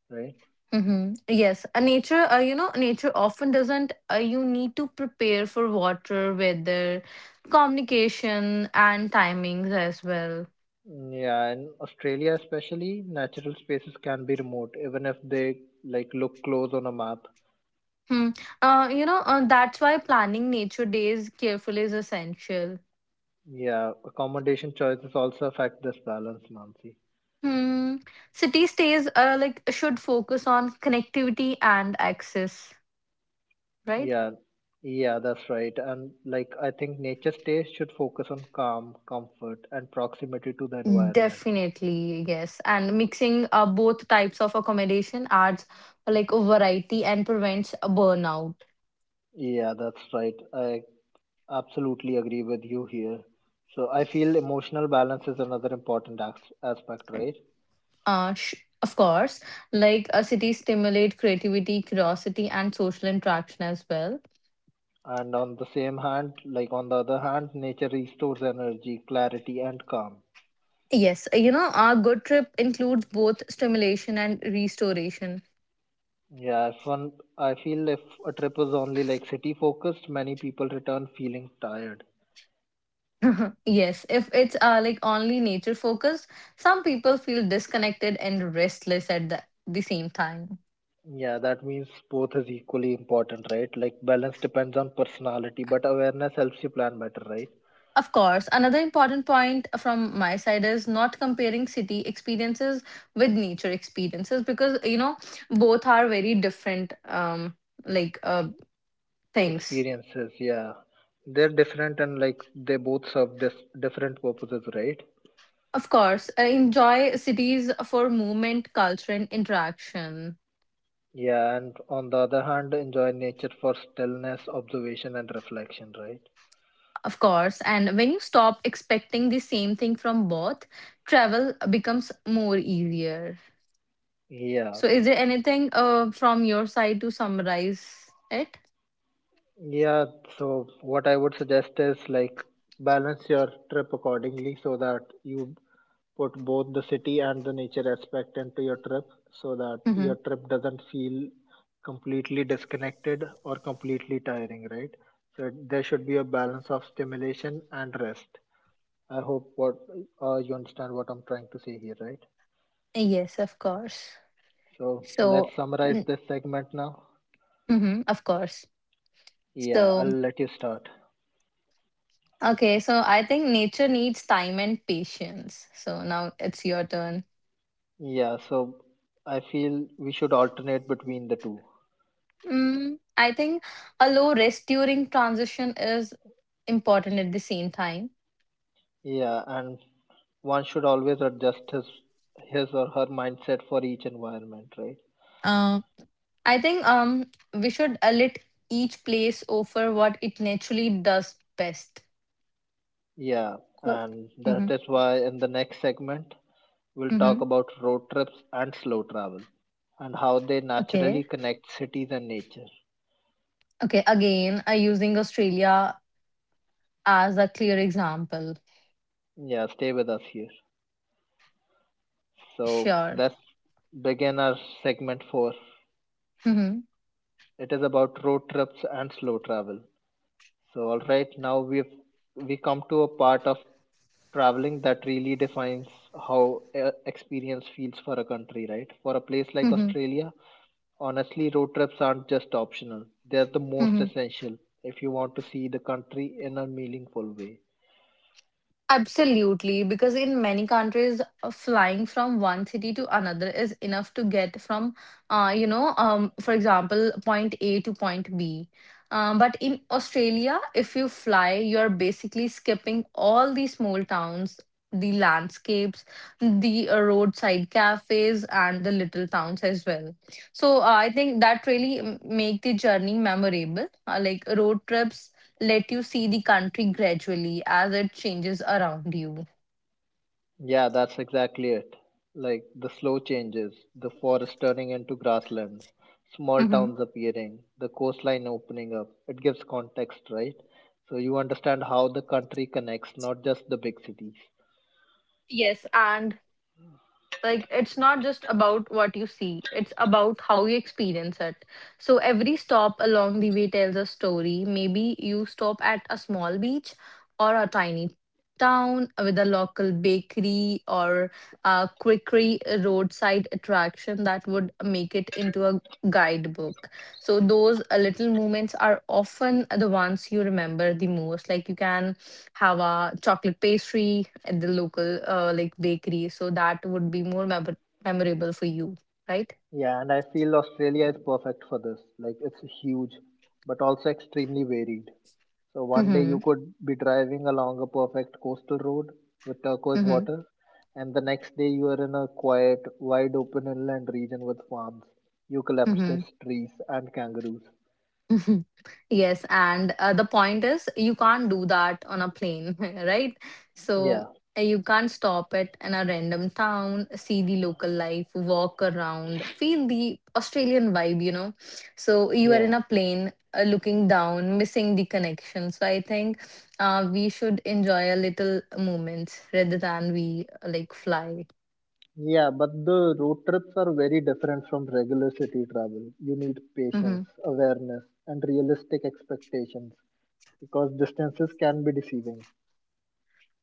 [SPEAKER 1] right?
[SPEAKER 2] Mm-hmm. Yes, a nature, uh, you know, nature often doesn't, uh, you need to prepare for water, weather, communication, and timings as well.
[SPEAKER 1] Yeah, in Australia especially, natural spaces can be remote, even if they like look close on a map.
[SPEAKER 2] Hmm. Uh, you know, uh, that's why planning nature days carefully is essential.
[SPEAKER 1] Yeah, accommodation choices also affect this balance, Mansi.
[SPEAKER 2] Hmm. City stays uh, like should focus on connectivity and access, right?
[SPEAKER 1] Yeah, yeah, that's right. And like, I think nature stays should focus on calm, comfort, and proximity to the environment.
[SPEAKER 2] Definitely, yes. And mixing uh, both types of accommodation adds like a variety and prevents a burnout.
[SPEAKER 1] Yeah, that's right. I absolutely agree with you here. So I feel emotional balance is another important ax- aspect, right?
[SPEAKER 2] Uh, sh- of course, like a city stimulate creativity, curiosity, and social interaction as well.
[SPEAKER 1] And on the same hand, like on the other hand, nature restores energy, clarity, and calm.
[SPEAKER 2] Yes, you know, our good trip includes both stimulation and restoration.
[SPEAKER 1] Yeah, if one, I feel if a trip is only like city focused, many people return feeling tired.
[SPEAKER 2] Yes, if it's uh, like only nature focused, some people feel disconnected and restless at the, the same time.
[SPEAKER 1] Yeah, that means both is equally important, right? Like balance depends on personality, but awareness helps you plan better, right?
[SPEAKER 2] Of course, another important point from my side is not comparing city experiences with nature experiences because you know both are very different um like uh things.
[SPEAKER 1] Experiences, yeah. They're different and like they both serve dis- different purposes, right?
[SPEAKER 2] Of course, I enjoy cities for movement, culture and interaction.
[SPEAKER 1] Yeah, and on the other hand, enjoy nature for stillness, observation, and reflection, right?
[SPEAKER 2] Of course, and when you stop expecting the same thing from both, travel becomes more easier.
[SPEAKER 1] Yeah,
[SPEAKER 2] So is there anything uh from your side to summarize it?
[SPEAKER 1] yeah. So what I would suggest is like balance your trip accordingly so that you put both the city and the nature aspect into your trip so that
[SPEAKER 2] Hmm.
[SPEAKER 1] your trip doesn't feel completely disconnected or completely tiring, right? So it- there should be a balance of stimulation and rest. I hope what uh, you understand what I'm trying to say here, right?
[SPEAKER 2] Yes, of course.
[SPEAKER 1] So let's
[SPEAKER 2] So,
[SPEAKER 1] summarize
[SPEAKER 2] mm,
[SPEAKER 1] this segment now.
[SPEAKER 2] mhm, of course.
[SPEAKER 1] Yeah, I'll
[SPEAKER 2] So,
[SPEAKER 1] let you start.
[SPEAKER 2] okay, so I think nature needs time and patience. So now it's your turn.
[SPEAKER 1] Yeah, so I feel we should alternate between the two.
[SPEAKER 2] Mm, I think a low risk during transition is important at the same time.
[SPEAKER 1] Yeah, and one should always adjust his his or her mindset for each environment, right?
[SPEAKER 2] Uh, I think um we should uh, let each place offer what it naturally does best.
[SPEAKER 1] Yeah,
[SPEAKER 2] But,
[SPEAKER 1] and
[SPEAKER 2] mm-hmm,
[SPEAKER 1] that is why in the next segment we'll
[SPEAKER 2] mm-hmm.
[SPEAKER 1] talk about road trips and slow travel and how they
[SPEAKER 2] Okay,
[SPEAKER 1] naturally connect cities and nature.
[SPEAKER 2] okay. Again, uh, using Australia as a clear example.
[SPEAKER 1] Yeah, stay with us here. So
[SPEAKER 2] Sure.
[SPEAKER 1] let's begin our segment four.
[SPEAKER 2] Mm-hmm,
[SPEAKER 1] It is about road trips and slow travel. So, all right, now we've we come to a part of traveling that really defines how uh, experience feels for a country, right? For a place like Australia, honestly, road trips aren't just optional; they're the most
[SPEAKER 2] mm-hmm.
[SPEAKER 1] essential if you want to see the country in a meaningful way.
[SPEAKER 2] Absolutely, because in many countries, uh, flying from one city to another is enough to get from, uh, you know, um, for example, point A to point B. Um, but in Australia, if you fly, you're basically skipping all the small towns, the landscapes, the uh, roadside cafes, and the little towns as well. So uh, I think that really m- make the journey memorable. Uh, like road trips let you see the country gradually as it changes around you.
[SPEAKER 1] Yeah, that's exactly it. Like the slow changes, the forest turning into grasslands, small
[SPEAKER 2] Mm-hmm.
[SPEAKER 1] towns appearing, the coastline opening up. It gives context, right? So you understand how the country connects, not just the big cities.
[SPEAKER 2] Yes, and like it's not just about what you see, it's about how you experience it. So every stop along the way tells a story. Maybe you stop at a small beach or a tiny town with a local bakery, or a quickery, a roadside attraction that would make it into a guidebook. So those uh, little moments are often the ones you remember the most. Like, you can have a chocolate pastry at the local uh, like bakery. So that would be more memor memorable for you, right?
[SPEAKER 1] Yeah, and I feel Australia is perfect for this. Like it's huge, but also extremely varied. So one day
[SPEAKER 2] Mm-hmm.
[SPEAKER 1] you could be driving along a perfect coastal road with turquoise water, and the next day you are in a quiet, wide open inland region with farms,
[SPEAKER 2] Mm-hmm.
[SPEAKER 1] eucalyptus trees, and kangaroos.
[SPEAKER 2] Mhm. Yes, and uh, the point is, you can't do that on a plane, right? So
[SPEAKER 1] Yeah,
[SPEAKER 2] uh, you can't stop it in a random town, see the local life, walk around, feel the Australian vibe, you know. So you are
[SPEAKER 1] yeah,
[SPEAKER 2] in a plane, uh, looking down, missing the connection. So I think uh, we should enjoy a little moments rather than we uh, like fly.
[SPEAKER 1] yeah, but the road trips are very different from regular city travel. You need
[SPEAKER 2] Mm-hmm.
[SPEAKER 1] patience, awareness, and realistic expectations because distances can be deceiving.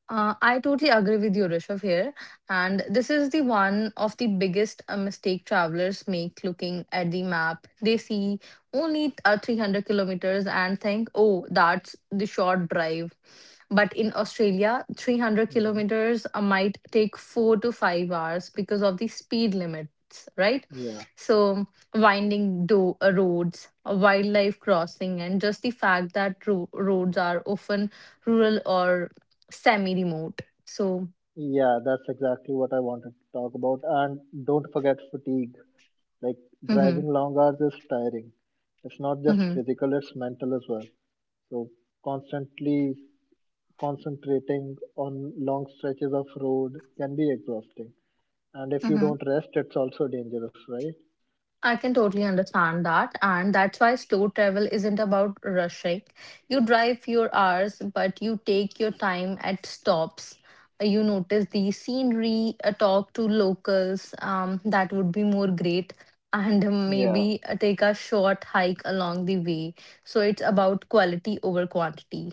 [SPEAKER 2] Uh, I totally agree with you, Rishabh, here. And this is the one of the biggest uh, mistake travelers make looking at the map. They see only uh, three hundred kilometers and think, oh, that's the short drive. But in Australia, three hundred
[SPEAKER 1] Hmm.
[SPEAKER 2] kilometers uh, might take four to five hours because of the speed limits, right?
[SPEAKER 1] Yeah,
[SPEAKER 2] So, winding do- uh, roads, uh, wildlife crossing, and just the fact that ro- roads are often rural or semi-remote. So,
[SPEAKER 1] yeah, that's exactly what I wanted to talk about. And don't forget fatigue. Like driving
[SPEAKER 2] mhm,
[SPEAKER 1] long hours is tiring. It's not just
[SPEAKER 2] mhm,
[SPEAKER 1] physical, it's mental as well. So constantly concentrating on long stretches of road can be exhausting. And if you
[SPEAKER 2] mm-hmm.
[SPEAKER 1] don't rest, it's also dangerous, right?
[SPEAKER 2] I can totally understand that, and that's why slow travel isn't about rushing. You drive fewer hours, but you take your time at stops. You notice the scenery, uh, talk to locals. Um, that would be more great, and um,
[SPEAKER 1] Yeah,
[SPEAKER 2] maybe uh, take a short hike along the way. So it's about quality over quantity.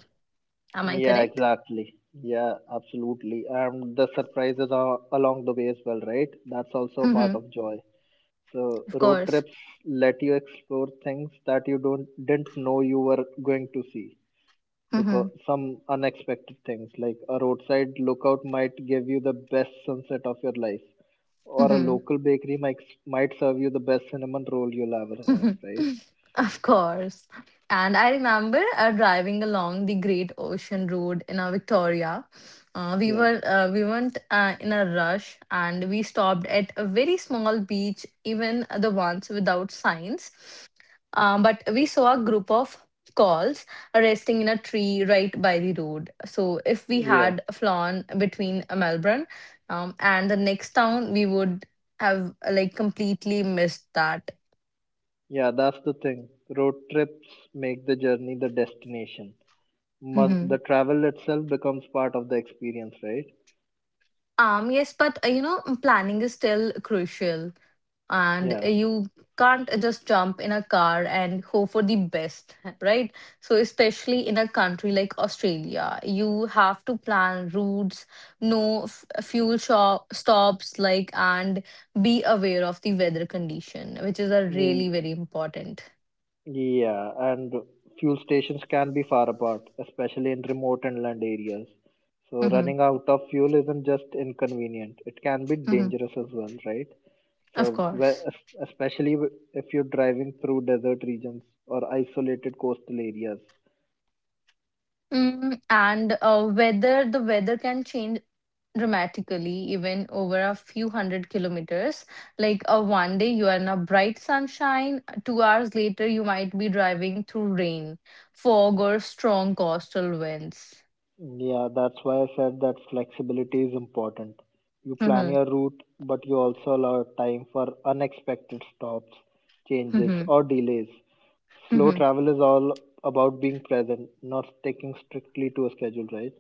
[SPEAKER 2] Am I
[SPEAKER 1] yeah,
[SPEAKER 2] correct?
[SPEAKER 1] exactly. Yeah, absolutely. And the surprises are along the way as well, right? That's also a part
[SPEAKER 2] Mm-hmm.
[SPEAKER 1] of joy. So
[SPEAKER 2] Of
[SPEAKER 1] road
[SPEAKER 2] course.
[SPEAKER 1] trips let you explore things that you don't didn't know you were going to see
[SPEAKER 2] Mm-hmm.
[SPEAKER 1] because some unexpected things like a roadside lookout might give you the best sunset of your life or a
[SPEAKER 2] Mm-hmm.
[SPEAKER 1] local bakery might might serve you the best cinnamon roll you'll ever have, right?
[SPEAKER 2] Of course. And I remember uh, driving along the Great Ocean Road in uh, Victoria. Uh, we
[SPEAKER 1] Yeah.
[SPEAKER 2] were uh, we weren't uh, in a rush, and we stopped at a very small beach, even the ones without signs. Um, but we saw a group of calls resting in a tree right by the road. So if we
[SPEAKER 1] Yeah.
[SPEAKER 2] had flown between Melbourne um, and the next town, we would have uh, like completely missed that.
[SPEAKER 1] Yeah, that's the thing. Road trips make the journey the destination. Must,
[SPEAKER 2] Mm-hmm.
[SPEAKER 1] the travel itself becomes part of the experience, right?
[SPEAKER 2] Um, yes, but uh, you know, mm, planning is still crucial, and uh, you can't just jump in a car and hope for the best, right? So, especially in a country like Australia, you have to plan routes, know f- fuel shop stops, like, and be aware of the weather condition, which is a really
[SPEAKER 1] Yeah.
[SPEAKER 2] very important.
[SPEAKER 1] Yeah, and fuel stations can be far apart, especially in remote inland areas. So
[SPEAKER 2] Mm-hmm,
[SPEAKER 1] running out of fuel isn't just inconvenient, it can be
[SPEAKER 2] mm-hmm,
[SPEAKER 1] dangerous as well, right?
[SPEAKER 2] of
[SPEAKER 1] So, whe-
[SPEAKER 2] course.
[SPEAKER 1] es- especially w- if you're driving through desert regions or isolated coastal areas.
[SPEAKER 2] Mm, and uh, whether the weather can change dramatically even over a few hundred kilometers. Like, a one day you are in a bright sunshine, two hours later you might be driving through rain, fog, or strong coastal winds.
[SPEAKER 1] Yeah, that's why I said that flexibility is important. You plan
[SPEAKER 2] Mhm,
[SPEAKER 1] your route, but you also allow time for unexpected stops, changes,
[SPEAKER 2] mhm,
[SPEAKER 1] or delays. Slow
[SPEAKER 2] mhm.
[SPEAKER 1] travel is all about being present, not sticking strictly to a schedule, right?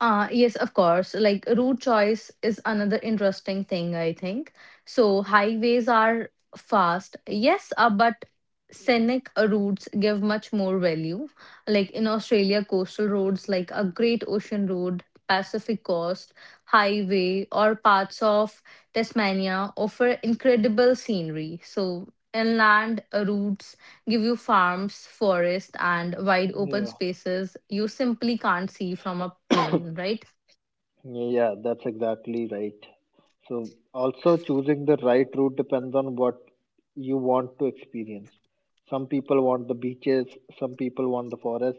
[SPEAKER 2] Uh, yes, of course. Like route choice is another interesting thing, I think. So highways are fast, yes, uh, but scenic routes give much more value. Like in Australia, coastal roads like a Great Ocean Road, Pacific Coast Highway, or parts of Tasmania offer incredible scenery. So inland routes give you farms, forests, and wide open
[SPEAKER 1] Yeah.
[SPEAKER 2] spaces you simply can't see from a plane, right?
[SPEAKER 1] Yeah, that's exactly right. So, also choosing the right route depends on what you want to experience. Some people want the beaches, some people want the forest.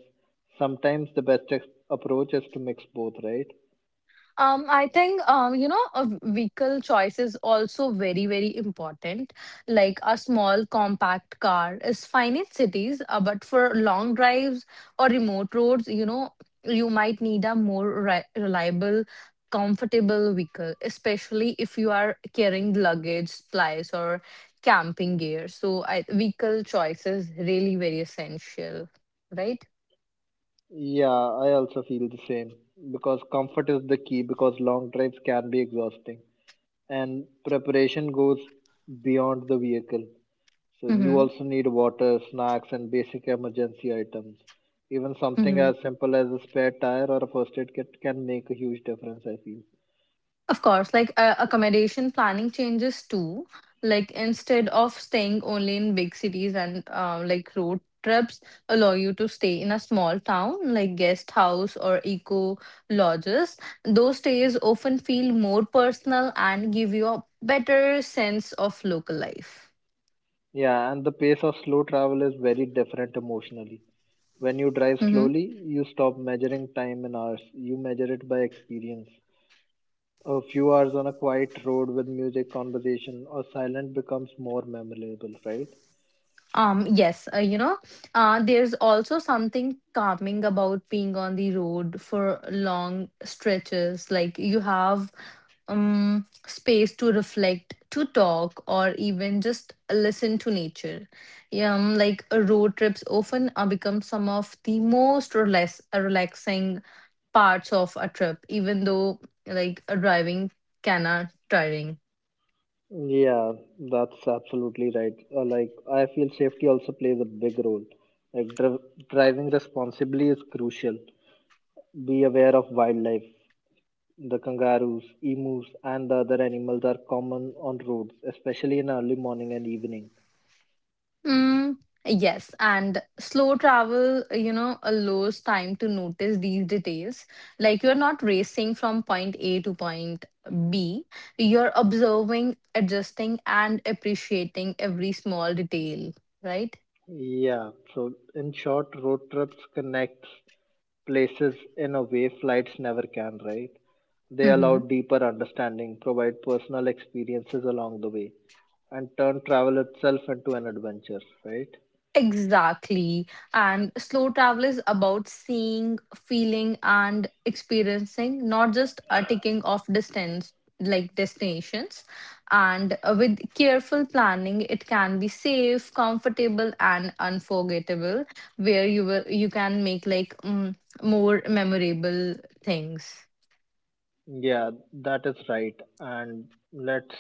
[SPEAKER 1] Sometimes the best ex- approach is to mix both, right?
[SPEAKER 2] Um, I think um, you know, a vehicle choice is also very, very important. Like a small compact car is fine in cities, uh, but for long drives or remote roads, you know, you might need a more re- reliable, comfortable vehicle, especially if you are carrying luggage, supplies, or camping gear. So, I, vehicle choice is really very essential, right?
[SPEAKER 1] Yeah, I also feel the same because comfort is the key because long drives can be exhausting. and preparation goes beyond the vehicle. So you
[SPEAKER 2] Mm-hmm.
[SPEAKER 1] also need water, snacks, and basic emergency items. Even something
[SPEAKER 2] Mm-hmm.
[SPEAKER 1] as simple as a spare tire or a first aid kit can make a huge difference, I feel.
[SPEAKER 2] Of course, like uh, accommodation planning changes too. Like instead of staying only in big cities and uh, like road trips allow you to stay in a small town like guest house or eco lodges. Those stays often feel more personal and give you a better sense of local life.
[SPEAKER 1] Yeah, and the pace of slow travel is very different emotionally. When you drive
[SPEAKER 2] Mm-hmm.
[SPEAKER 1] slowly, you stop measuring time in hours, you measure it by experience. A few hours on a quiet road with music, conversation, or silent becomes more memorable, right?
[SPEAKER 2] Um, yes, uh, you know, uh, there's also something calming about being on the road for long stretches. Like you have um, space to reflect, to talk, or even just listen to nature. Yeah. Um, like uh, road trips often uh, become some of the most relax- uh, relaxing parts of a trip, even though like uh, driving can are tiring.
[SPEAKER 1] Yeah, that's absolutely right. Uh, like, I feel safety also plays a big role. Like, dri- Driving responsibly is crucial. Be aware of wildlife. The kangaroos, emus, and the other animals are common on roads, especially in early morning and evening.
[SPEAKER 2] Mm, yes, and slow travel, you know, allows time to notice these details. Like you're not racing from point A to point B, you're observing, adjusting, and appreciating every small detail, right?
[SPEAKER 1] Yeah, so in short, road trips connect places in a way flights never can, right? They allow
[SPEAKER 2] Mm-hmm.
[SPEAKER 1] deeper understanding, provide personal experiences along the way, and turn travel itself into an adventure, right?
[SPEAKER 2] Exactly. And slow travel is about seeing, feeling, and experiencing, not just uh, ticking off distance like destinations. And uh, with careful planning, it can be safe, comfortable, and unforgettable, where you will you can make like mm, more memorable things.
[SPEAKER 1] Yeah, that is right. And let's,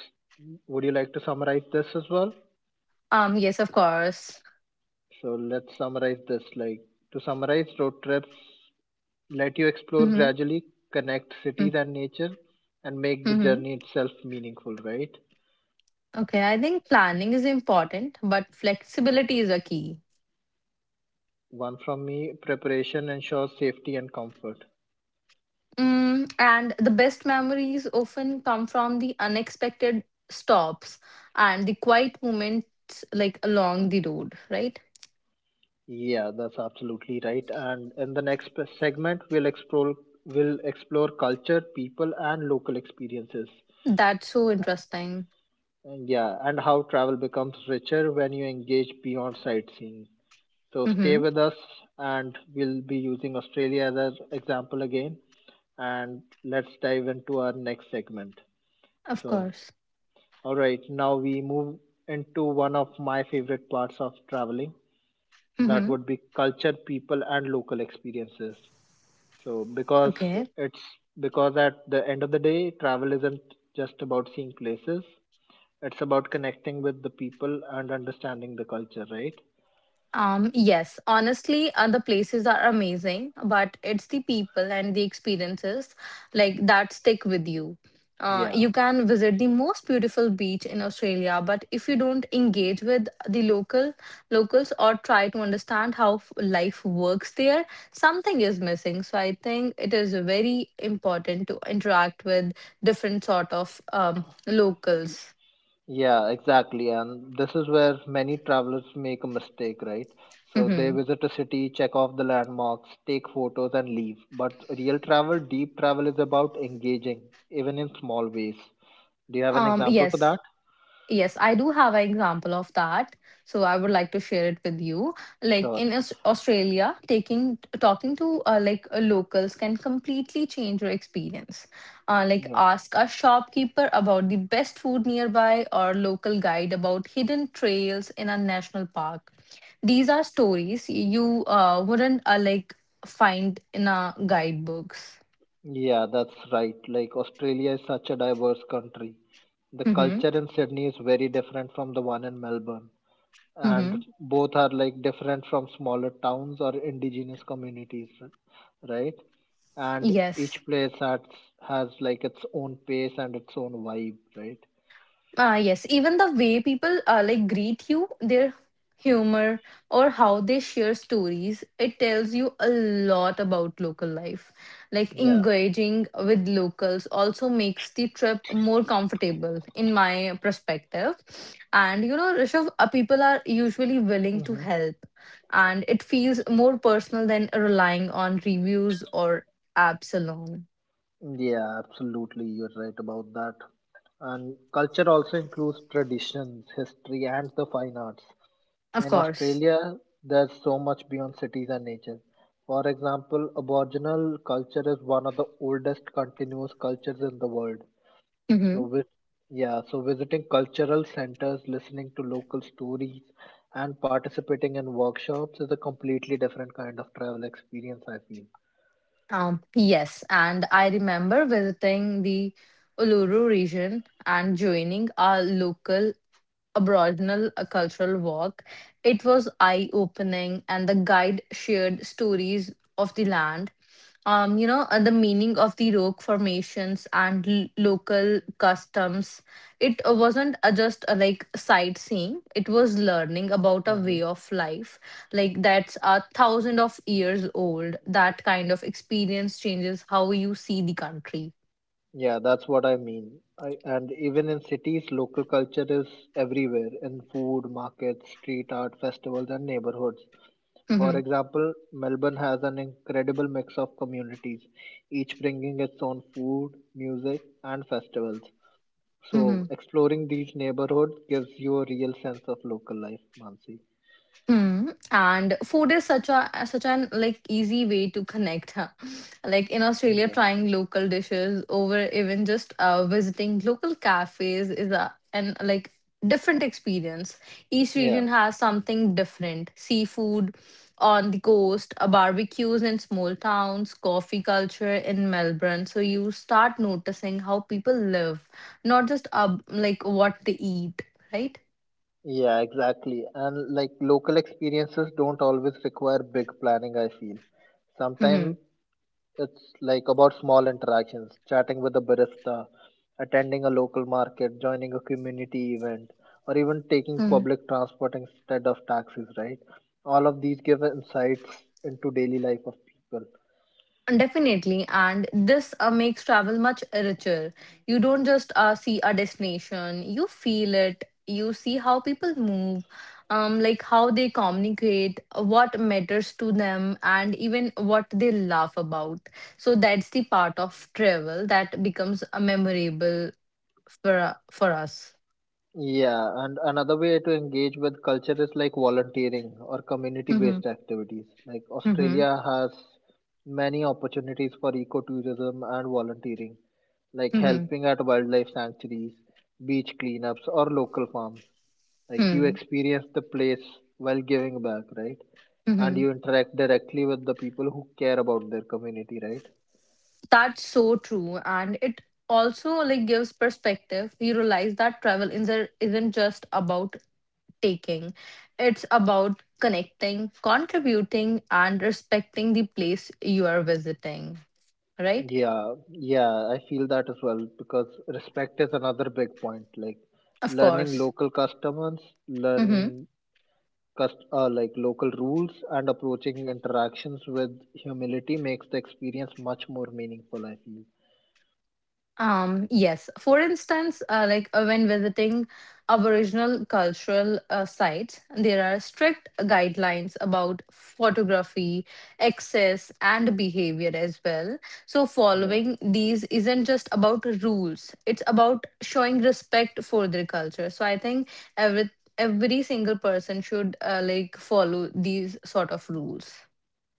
[SPEAKER 1] would you like to summarize this as well?
[SPEAKER 2] Um. Yes, of course.
[SPEAKER 1] So let's summarize this. Like, to summarize, road trips let you explore
[SPEAKER 2] Mm-hmm.
[SPEAKER 1] gradually, connect
[SPEAKER 2] Mm-hmm.
[SPEAKER 1] cities and nature, and make the
[SPEAKER 2] Mm-hmm.
[SPEAKER 1] journey itself meaningful, right?
[SPEAKER 2] Okay. I think planning is important, but flexibility is a key.
[SPEAKER 1] One from me, preparation ensures safety and comfort.
[SPEAKER 2] Mm, and the best memories often come from the unexpected stops and the quiet moments like along the road, right?
[SPEAKER 1] Yeah, that's absolutely right. And in the next p- segment, we'll explore we'll explore culture, people, and local experiences.
[SPEAKER 2] That's so interesting.
[SPEAKER 1] And yeah, and how travel becomes richer when you engage beyond sightseeing. So stay
[SPEAKER 2] Mm-hmm.
[SPEAKER 1] with us, and we'll be using Australia as an example again. And let's dive into our next segment.
[SPEAKER 2] Of
[SPEAKER 1] So,
[SPEAKER 2] course.
[SPEAKER 1] all right, now we move into one of my favorite parts of traveling. That
[SPEAKER 2] Mm-hmm.
[SPEAKER 1] would be culture, people, and local experiences. So because
[SPEAKER 2] Okay.
[SPEAKER 1] It's because at the end of the day, travel isn't just about seeing places, it's about connecting with the people and understanding the culture, right?
[SPEAKER 2] Um, yes, honestly, uh, the places are amazing, but it's the people and the experiences like that stick with you. Uh,
[SPEAKER 1] Yeah,
[SPEAKER 2] you can visit the most beautiful beach in Australia, but if you don't engage with the local locals or try to understand how f- life works there, something is missing. So I think it is very important to interact with different sort of um, locals.
[SPEAKER 1] yeah, exactly. And this is where many travelers make a mistake, right? So they
[SPEAKER 2] Hmm.
[SPEAKER 1] visit a city, check off the landmarks, take photos, and leave. But real travel, deep travel, is about engaging even in small ways. Do you have an
[SPEAKER 2] Um,
[SPEAKER 1] example for
[SPEAKER 2] yes.
[SPEAKER 1] that?
[SPEAKER 2] Yes, I do have an example of that. So I would like to share it with you. Like
[SPEAKER 1] Sure.
[SPEAKER 2] in Aus- Australia, taking talking to uh, like uh, locals can completely change your experience. Uh, like
[SPEAKER 1] Yeah.
[SPEAKER 2] ask a shopkeeper about the best food nearby or local guide about hidden trails in a national park. These are stories you uh, wouldn't uh, like find in a guidebooks.
[SPEAKER 1] Yeah, that's right. Like Australia is such a diverse country. The
[SPEAKER 2] Mm-hmm.
[SPEAKER 1] culture in Sydney is very different from the one in Melbourne, and
[SPEAKER 2] Mm-hmm.
[SPEAKER 1] both are like different from smaller towns or indigenous communities, r- right? And
[SPEAKER 2] Yes.
[SPEAKER 1] each place has has like its own pace and its own vibe, right?
[SPEAKER 2] Ah, yes. Even the way people uh, like greet you, their humor or how they share stories, it tells you a lot about local life. Like
[SPEAKER 1] Yeah.
[SPEAKER 2] engaging with locals also makes the trip more comfortable in my perspective. And you know, Rishav, uh, people are usually willing to
[SPEAKER 1] Hmm.
[SPEAKER 2] help and it feels more personal than relying on reviews or apps alone.
[SPEAKER 1] Yeah, absolutely. You're right about that. And culture also includes traditions, history, and the fine arts.
[SPEAKER 2] Of
[SPEAKER 1] In
[SPEAKER 2] course.
[SPEAKER 1] Australia, there's so much beyond cities and nature. For example, Aboriginal culture is one of the oldest continuous cultures in the world. So,
[SPEAKER 2] Mm-hmm.
[SPEAKER 1] with, yeah, so visiting cultural centers, listening to local stories, and participating in workshops is a completely different kind of travel experience, I feel.
[SPEAKER 2] Um, yes, and I remember visiting the Uluru region and joining our local aboriginal uh, cultural walk. It was eye-opening, and the guide shared stories of the land um, you know, uh, the meaning of the rock formations and l- local customs. It uh, wasn't uh, just uh, like sightseeing, it was learning about a
[SPEAKER 1] Mm-hmm.
[SPEAKER 2] way of life, like that's a thousand of years old. That kind of experience changes how you see the country.
[SPEAKER 1] Yeah, that's what I mean. I, and even in cities, local culture is everywhere in food, markets, street art, festivals, and neighborhoods. For
[SPEAKER 2] Hmm.
[SPEAKER 1] example, Melbourne has an incredible mix of communities, each bringing its own food, music, and festivals. So, exploring these neighborhoods gives you a real sense of local life, Mansi.
[SPEAKER 2] Hmm. And food is such a such an like easy way to connect, huh? Like in Australia,
[SPEAKER 1] Yeah.
[SPEAKER 2] trying local dishes over even just uh, visiting local cafes is a an like different experience. Each
[SPEAKER 1] Yeah.
[SPEAKER 2] region has something different. Seafood on the coast, uh, barbecues in small towns, coffee culture in Melbourne. So you start noticing how people live, not just uh, like what they eat, right?
[SPEAKER 1] Yeah, exactly. And like local experiences don't always require big planning, I feel
[SPEAKER 2] Mm-hmm.
[SPEAKER 1] sometimes. It's like about small interactions, chatting with a barista, attending a local market, joining a community event, or even taking public transport instead of taxis, right? All of these give insights into daily life of people.
[SPEAKER 2] Definitely, and this uh, makes travel much richer. You don't just uh, see a destination, you feel it, you see how people move, um, like how they communicate, what matters to them, and even what they laugh about. So that's the part of travel that becomes uh, memorable for uh, for us.
[SPEAKER 1] Yeah, and another way to engage with culture is like volunteering or community
[SPEAKER 2] Mm-hmm.
[SPEAKER 1] based activities. Like
[SPEAKER 2] Mm-hmm.
[SPEAKER 1] Australia has many opportunities for ecotourism and volunteering, like
[SPEAKER 2] Mm-hmm.
[SPEAKER 1] helping at wildlife sanctuaries, beach cleanups, or local farms. Like you
[SPEAKER 2] Mm-hmm.
[SPEAKER 1] experience the place while giving back, right? And
[SPEAKER 2] Mm-hmm.
[SPEAKER 1] you interact directly with the people who care about their community, right?
[SPEAKER 2] That's so true. And it also like gives perspective. We realize that travel isn't isn't just about taking. It's about connecting, contributing, and respecting the place you are visiting, right?
[SPEAKER 1] Yeah, yeah, I feel that as well, because respect is another big point. Like
[SPEAKER 2] Of
[SPEAKER 1] learning
[SPEAKER 2] course.
[SPEAKER 1] local customers, learning
[SPEAKER 2] Mm-hmm.
[SPEAKER 1] cust- uh, like local rules, and approaching interactions with humility makes the experience much more meaningful, I feel.
[SPEAKER 2] Um, yes. For instance, uh, like uh, when visiting Aboriginal cultural uh, sites, there are strict guidelines about photography, access, and behavior as well. So,
[SPEAKER 1] Yeah.
[SPEAKER 2] following these isn't just about rules, it's about showing respect for their culture. So, I think every every single person should uh, like follow these sort of rules.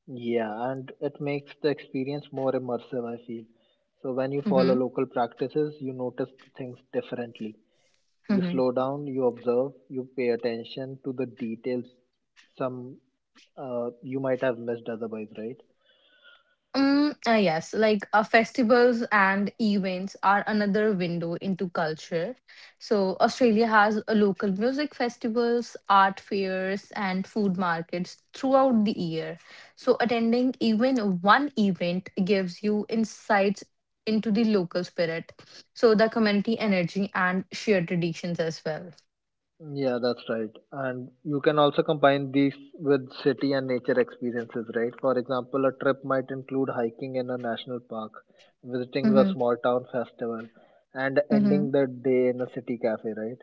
[SPEAKER 1] Yeah, and it makes the experience more immersive, I feel. So when you follow
[SPEAKER 2] Mm-hmm.
[SPEAKER 1] local practices, you notice things differently. You
[SPEAKER 2] Mm-hmm.
[SPEAKER 1] slow down, you observe, you pay attention to the details some uh, you might have missed otherwise, right?
[SPEAKER 2] Mm, uh, yes, like uh, festivals and events are another window into culture. So, Australia has a local music festivals, art fairs, and food markets throughout the year. So, attending even one event gives you insights into the local spirit, so the community energy and shared traditions as well.
[SPEAKER 1] Yeah, that's right. And you can also combine these with city and nature experiences, right? For example, a trip might include hiking in a national park, visiting a
[SPEAKER 2] Mm-hmm,
[SPEAKER 1] small town festival, and
[SPEAKER 2] mm-hmm,
[SPEAKER 1] ending the day in a city cafe, right?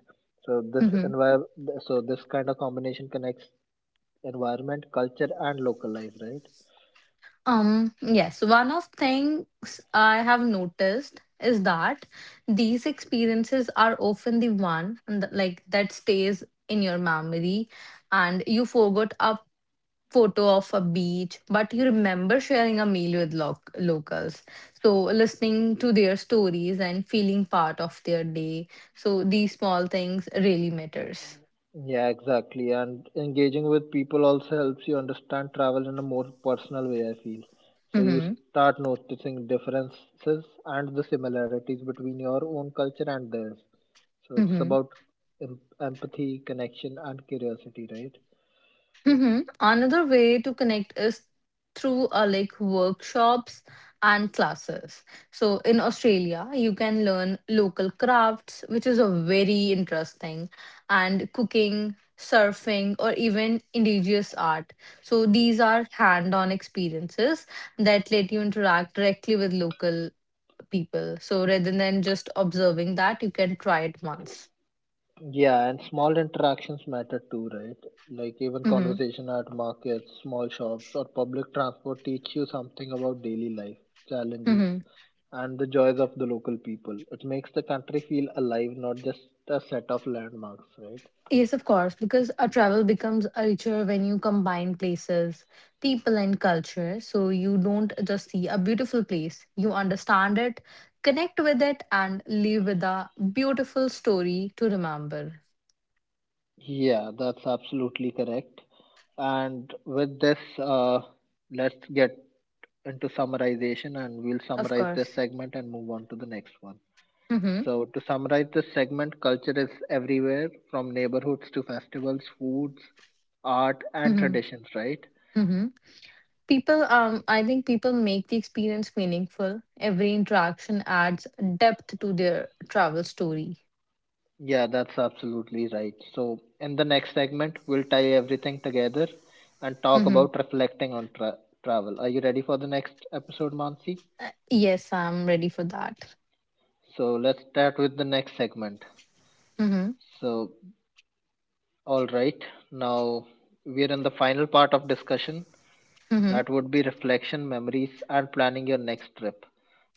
[SPEAKER 1] So this
[SPEAKER 2] mm-hmm.
[SPEAKER 1] envir- so this kind of combination connects environment, culture, and local life, right?
[SPEAKER 2] Um, yes, one of things I have noticed is that these experiences are often the one and th- like that stays in your memory and you forgot a photo of a beach, but you remember sharing a meal with loc- locals. So listening to their stories and feeling part of their day. So these small things really matters.
[SPEAKER 1] Yeah, exactly. And engaging with people also helps you understand travel in a more personal way, I feel. So you
[SPEAKER 2] Mm-hmm.
[SPEAKER 1] start noticing differences and the similarities between your own culture and theirs. So it's
[SPEAKER 2] Mm-hmm.
[SPEAKER 1] about em- empathy, connection, and curiosity, right?
[SPEAKER 2] Mhm. Another way to connect is through uh, like workshops and classes. So in Australia, you can learn local crafts, which is a very interesting, and cooking, surfing, or even indigenous art. So these are hand-on experiences that let you interact directly with local people. So rather than just observing that, you can try it once.
[SPEAKER 1] Yeah, and small interactions matter too, right? Like even
[SPEAKER 2] Mm-hmm.
[SPEAKER 1] conversation at markets, small shops, or public transport teach you something about daily life,
[SPEAKER 2] Mm-hmm.
[SPEAKER 1] challenges, and the joys of the local people. It makes the country feel alive, not just a set of landmarks, right?
[SPEAKER 2] Yes, of course, because a travel becomes a richer when you combine places, people, and culture. So you don't just see a beautiful place, you understand it, connect with it, and leave with a beautiful story to remember.
[SPEAKER 1] Yeah, that's absolutely correct. And with this, uh, let's get into summarization, and we'll
[SPEAKER 2] Of
[SPEAKER 1] summarize this
[SPEAKER 2] course.
[SPEAKER 1] segment and move on to the next one.
[SPEAKER 2] Mm-hmm.
[SPEAKER 1] So, to summarize this segment, culture is everywhere, from neighborhoods to festivals, foods, art, and
[SPEAKER 2] Mm-hmm.
[SPEAKER 1] traditions, right?
[SPEAKER 2] Mm-hmm. People, um, I think people make the experience meaningful. Every interaction adds depth to their travel story.
[SPEAKER 1] Yeah, that's absolutely right. So, in the next segment, we'll tie everything together and talk
[SPEAKER 2] Mm-hmm.
[SPEAKER 1] about reflecting on tra- travel. Are you ready for the next episode, Mansi?
[SPEAKER 2] Uh, Yes, I'm ready for that.
[SPEAKER 1] So, let's start with the next segment.
[SPEAKER 2] Mm-hmm.
[SPEAKER 1] So, all right, now we are in the final part of discussion.
[SPEAKER 2] Mm-hmm.
[SPEAKER 1] That would be reflection, memories, and planning your next trip.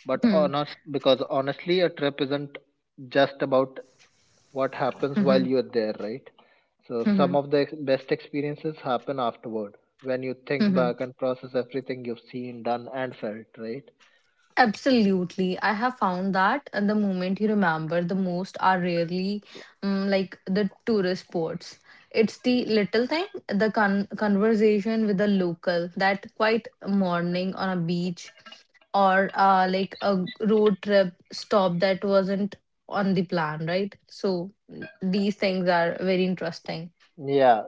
[SPEAKER 1] But
[SPEAKER 2] Mm-hmm.
[SPEAKER 1] honest, because Honestly, a trip isn't just about what happens
[SPEAKER 2] Mm-hmm.
[SPEAKER 1] while you're there, right? So some
[SPEAKER 2] Mm-hmm.
[SPEAKER 1] of the ex- best experiences happen afterward, when you think
[SPEAKER 2] Hmm.
[SPEAKER 1] back and process everything you've seen, done, and felt, right?
[SPEAKER 2] Absolutely. I have found that uh, the moment you remember the most are rarely um, like the tourist spots. It's the little thing, the con- conversation with the local, that quiet morning on a beach or uh, like a road trip stop that wasn't on the plan, right? So mm, these things are very interesting.
[SPEAKER 1] Yeah,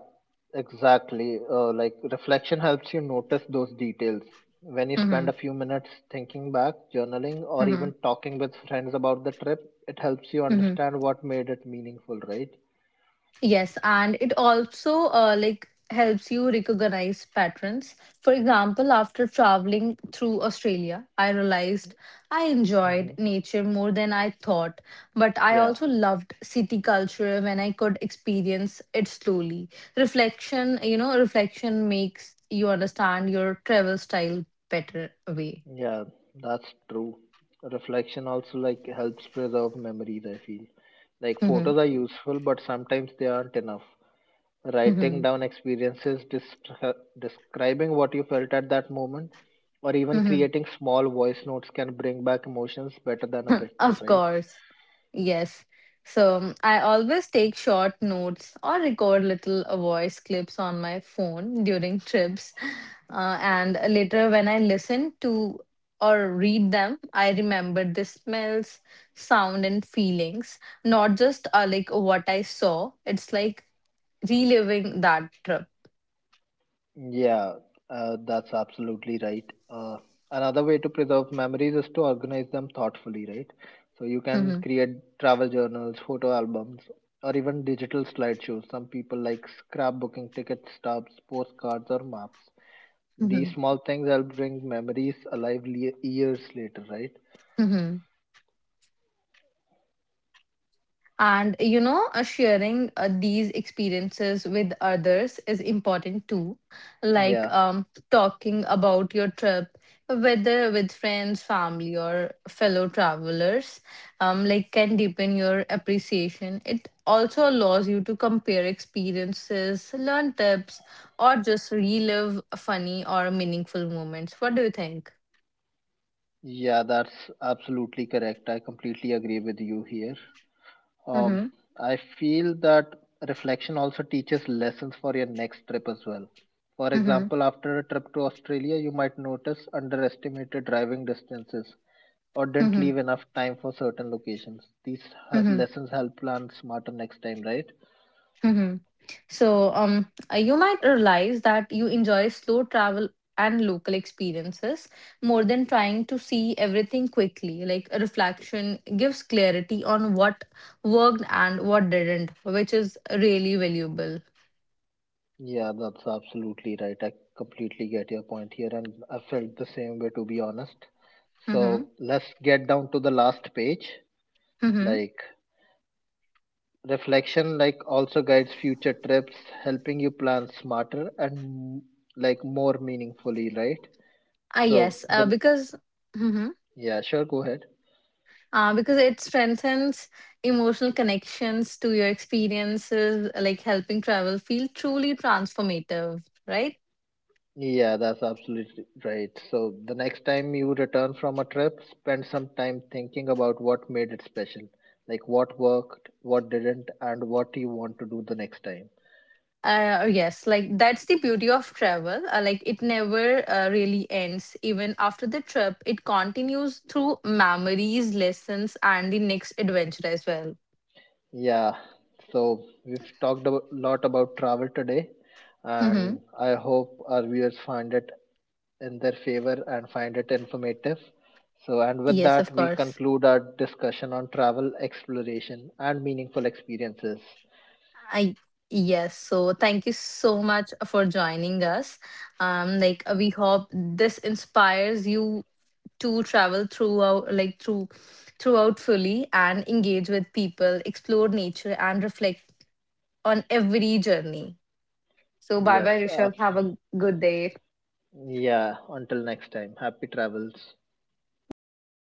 [SPEAKER 1] exactly. Uh, like reflection helps you notice those details. When you
[SPEAKER 2] Mm-hmm.
[SPEAKER 1] spend a few minutes thinking back, journaling, or
[SPEAKER 2] Mm-hmm.
[SPEAKER 1] even talking with friends about the trip, it helps you understand what made it meaningful, right?
[SPEAKER 2] Yes, and it also uh, like helps you recognize patterns. For example, after traveling through Australia, I realized I enjoyed
[SPEAKER 1] Hmm.
[SPEAKER 2] nature more than I thought, but I
[SPEAKER 1] Yeah,
[SPEAKER 2] also loved city culture when I could experience it slowly. Reflection, you know, reflection makes you understand your travel style better way.
[SPEAKER 1] yeah, that's true. Reflection also like helps preserve memories, I feel. Like
[SPEAKER 2] Mm-hmm.
[SPEAKER 1] photos are useful, but sometimes they aren't enough. Writing
[SPEAKER 2] Mm-hmm.
[SPEAKER 1] down experiences, dis- describing what you felt at that moment, or even
[SPEAKER 2] Mm-hmm.
[SPEAKER 1] creating small voice notes can bring back emotions better than a picture,
[SPEAKER 2] Of
[SPEAKER 1] right?
[SPEAKER 2] course. Yes. So um, I always take short notes or record little uh, voice clips on my phone during trips. Uh, and later, when I listen to or read them, I remember the smells, sound, and feelings, not just uh, like what I saw. It's like reliving that trip.
[SPEAKER 1] Yeah, uh, that's absolutely right. Uh, another way to preserve memories is to organize them thoughtfully, right? So you can
[SPEAKER 2] Hmm.
[SPEAKER 1] create travel journals, photo albums, or even digital slideshows. Some people like scrapbooking, ticket stubs, postcards, or maps. These
[SPEAKER 2] Hmm.
[SPEAKER 1] small things help bring memories alive le- years later, right?
[SPEAKER 2] Hmm. And you know, uh, sharing uh, these experiences with others is important too. Like
[SPEAKER 1] Yeah,
[SPEAKER 2] um, talking about your trip, whether with friends, family, or fellow travelers, um, like can deepen your appreciation. It also allows you to compare experiences, learn tips, or just relive funny or meaningful moments. What do you think?
[SPEAKER 1] yeah, that's absolutely correct. I completely agree with you here.
[SPEAKER 2] Mm-hmm.
[SPEAKER 1] Um, I feel that reflection also teaches lessons for your next trip as well. For
[SPEAKER 2] Mm-hmm.
[SPEAKER 1] example, after a trip to Australia, you might notice underestimated driving distances or didn't
[SPEAKER 2] Mm-hmm.
[SPEAKER 1] leave enough time for certain locations. These h-
[SPEAKER 2] Mm-hmm.
[SPEAKER 1] lessons help plan smarter next time, right?
[SPEAKER 2] So, um, uh, you might realize that you enjoy slow travel and local experiences more than trying to see everything quickly. Like a reflection gives clarity on what worked and what didn't, which is really valuable.
[SPEAKER 1] Yeah, that's absolutely right. I completely get your point here, and I felt the same way, to be honest.
[SPEAKER 2] Mm-hmm.
[SPEAKER 1] So let's get down to the last page.
[SPEAKER 2] Mm-hmm.
[SPEAKER 1] Like reflection, like also guides future trips, helping you plan smarter and like more meaningfully, right?
[SPEAKER 2] Ah,
[SPEAKER 1] So
[SPEAKER 2] yes, uh,
[SPEAKER 1] then,
[SPEAKER 2] because mm-hmm.
[SPEAKER 1] yeah, sure, go ahead.
[SPEAKER 2] Uh, because it strengthens emotional connections to your experiences, like helping travel feel truly transformative, right.
[SPEAKER 1] Yeah, that's absolutely right. So the next time you return from a trip, spend some time thinking about what made it special. Like what worked, what didn't, and what you want to do the next time.
[SPEAKER 2] Uh, yes, like that's the beauty of travel. Uh, like it never uh, really ends. Even after the trip, it continues through memories, lessons, and the next adventure as well.
[SPEAKER 1] Yeah, so we've talked a lot about travel today,
[SPEAKER 2] Hmm.
[SPEAKER 1] and I hope our viewers find it in their favor and find it informative. So, and with
[SPEAKER 2] Yes, of
[SPEAKER 1] that, we
[SPEAKER 2] course.
[SPEAKER 1] conclude our discussion on travel exploration and meaningful experiences.
[SPEAKER 2] I Yes. So thank you so much for joining us. Um, like uh, we hope this inspires you to travel throughout, like through throughout fully and engage with people, explore nature, and reflect on every journey. So bye
[SPEAKER 1] Yes,
[SPEAKER 2] bye,
[SPEAKER 1] uh,
[SPEAKER 2] Rishabh. Have a good day.
[SPEAKER 1] yeah, until next time, happy travels.
[SPEAKER 2] Bye bye.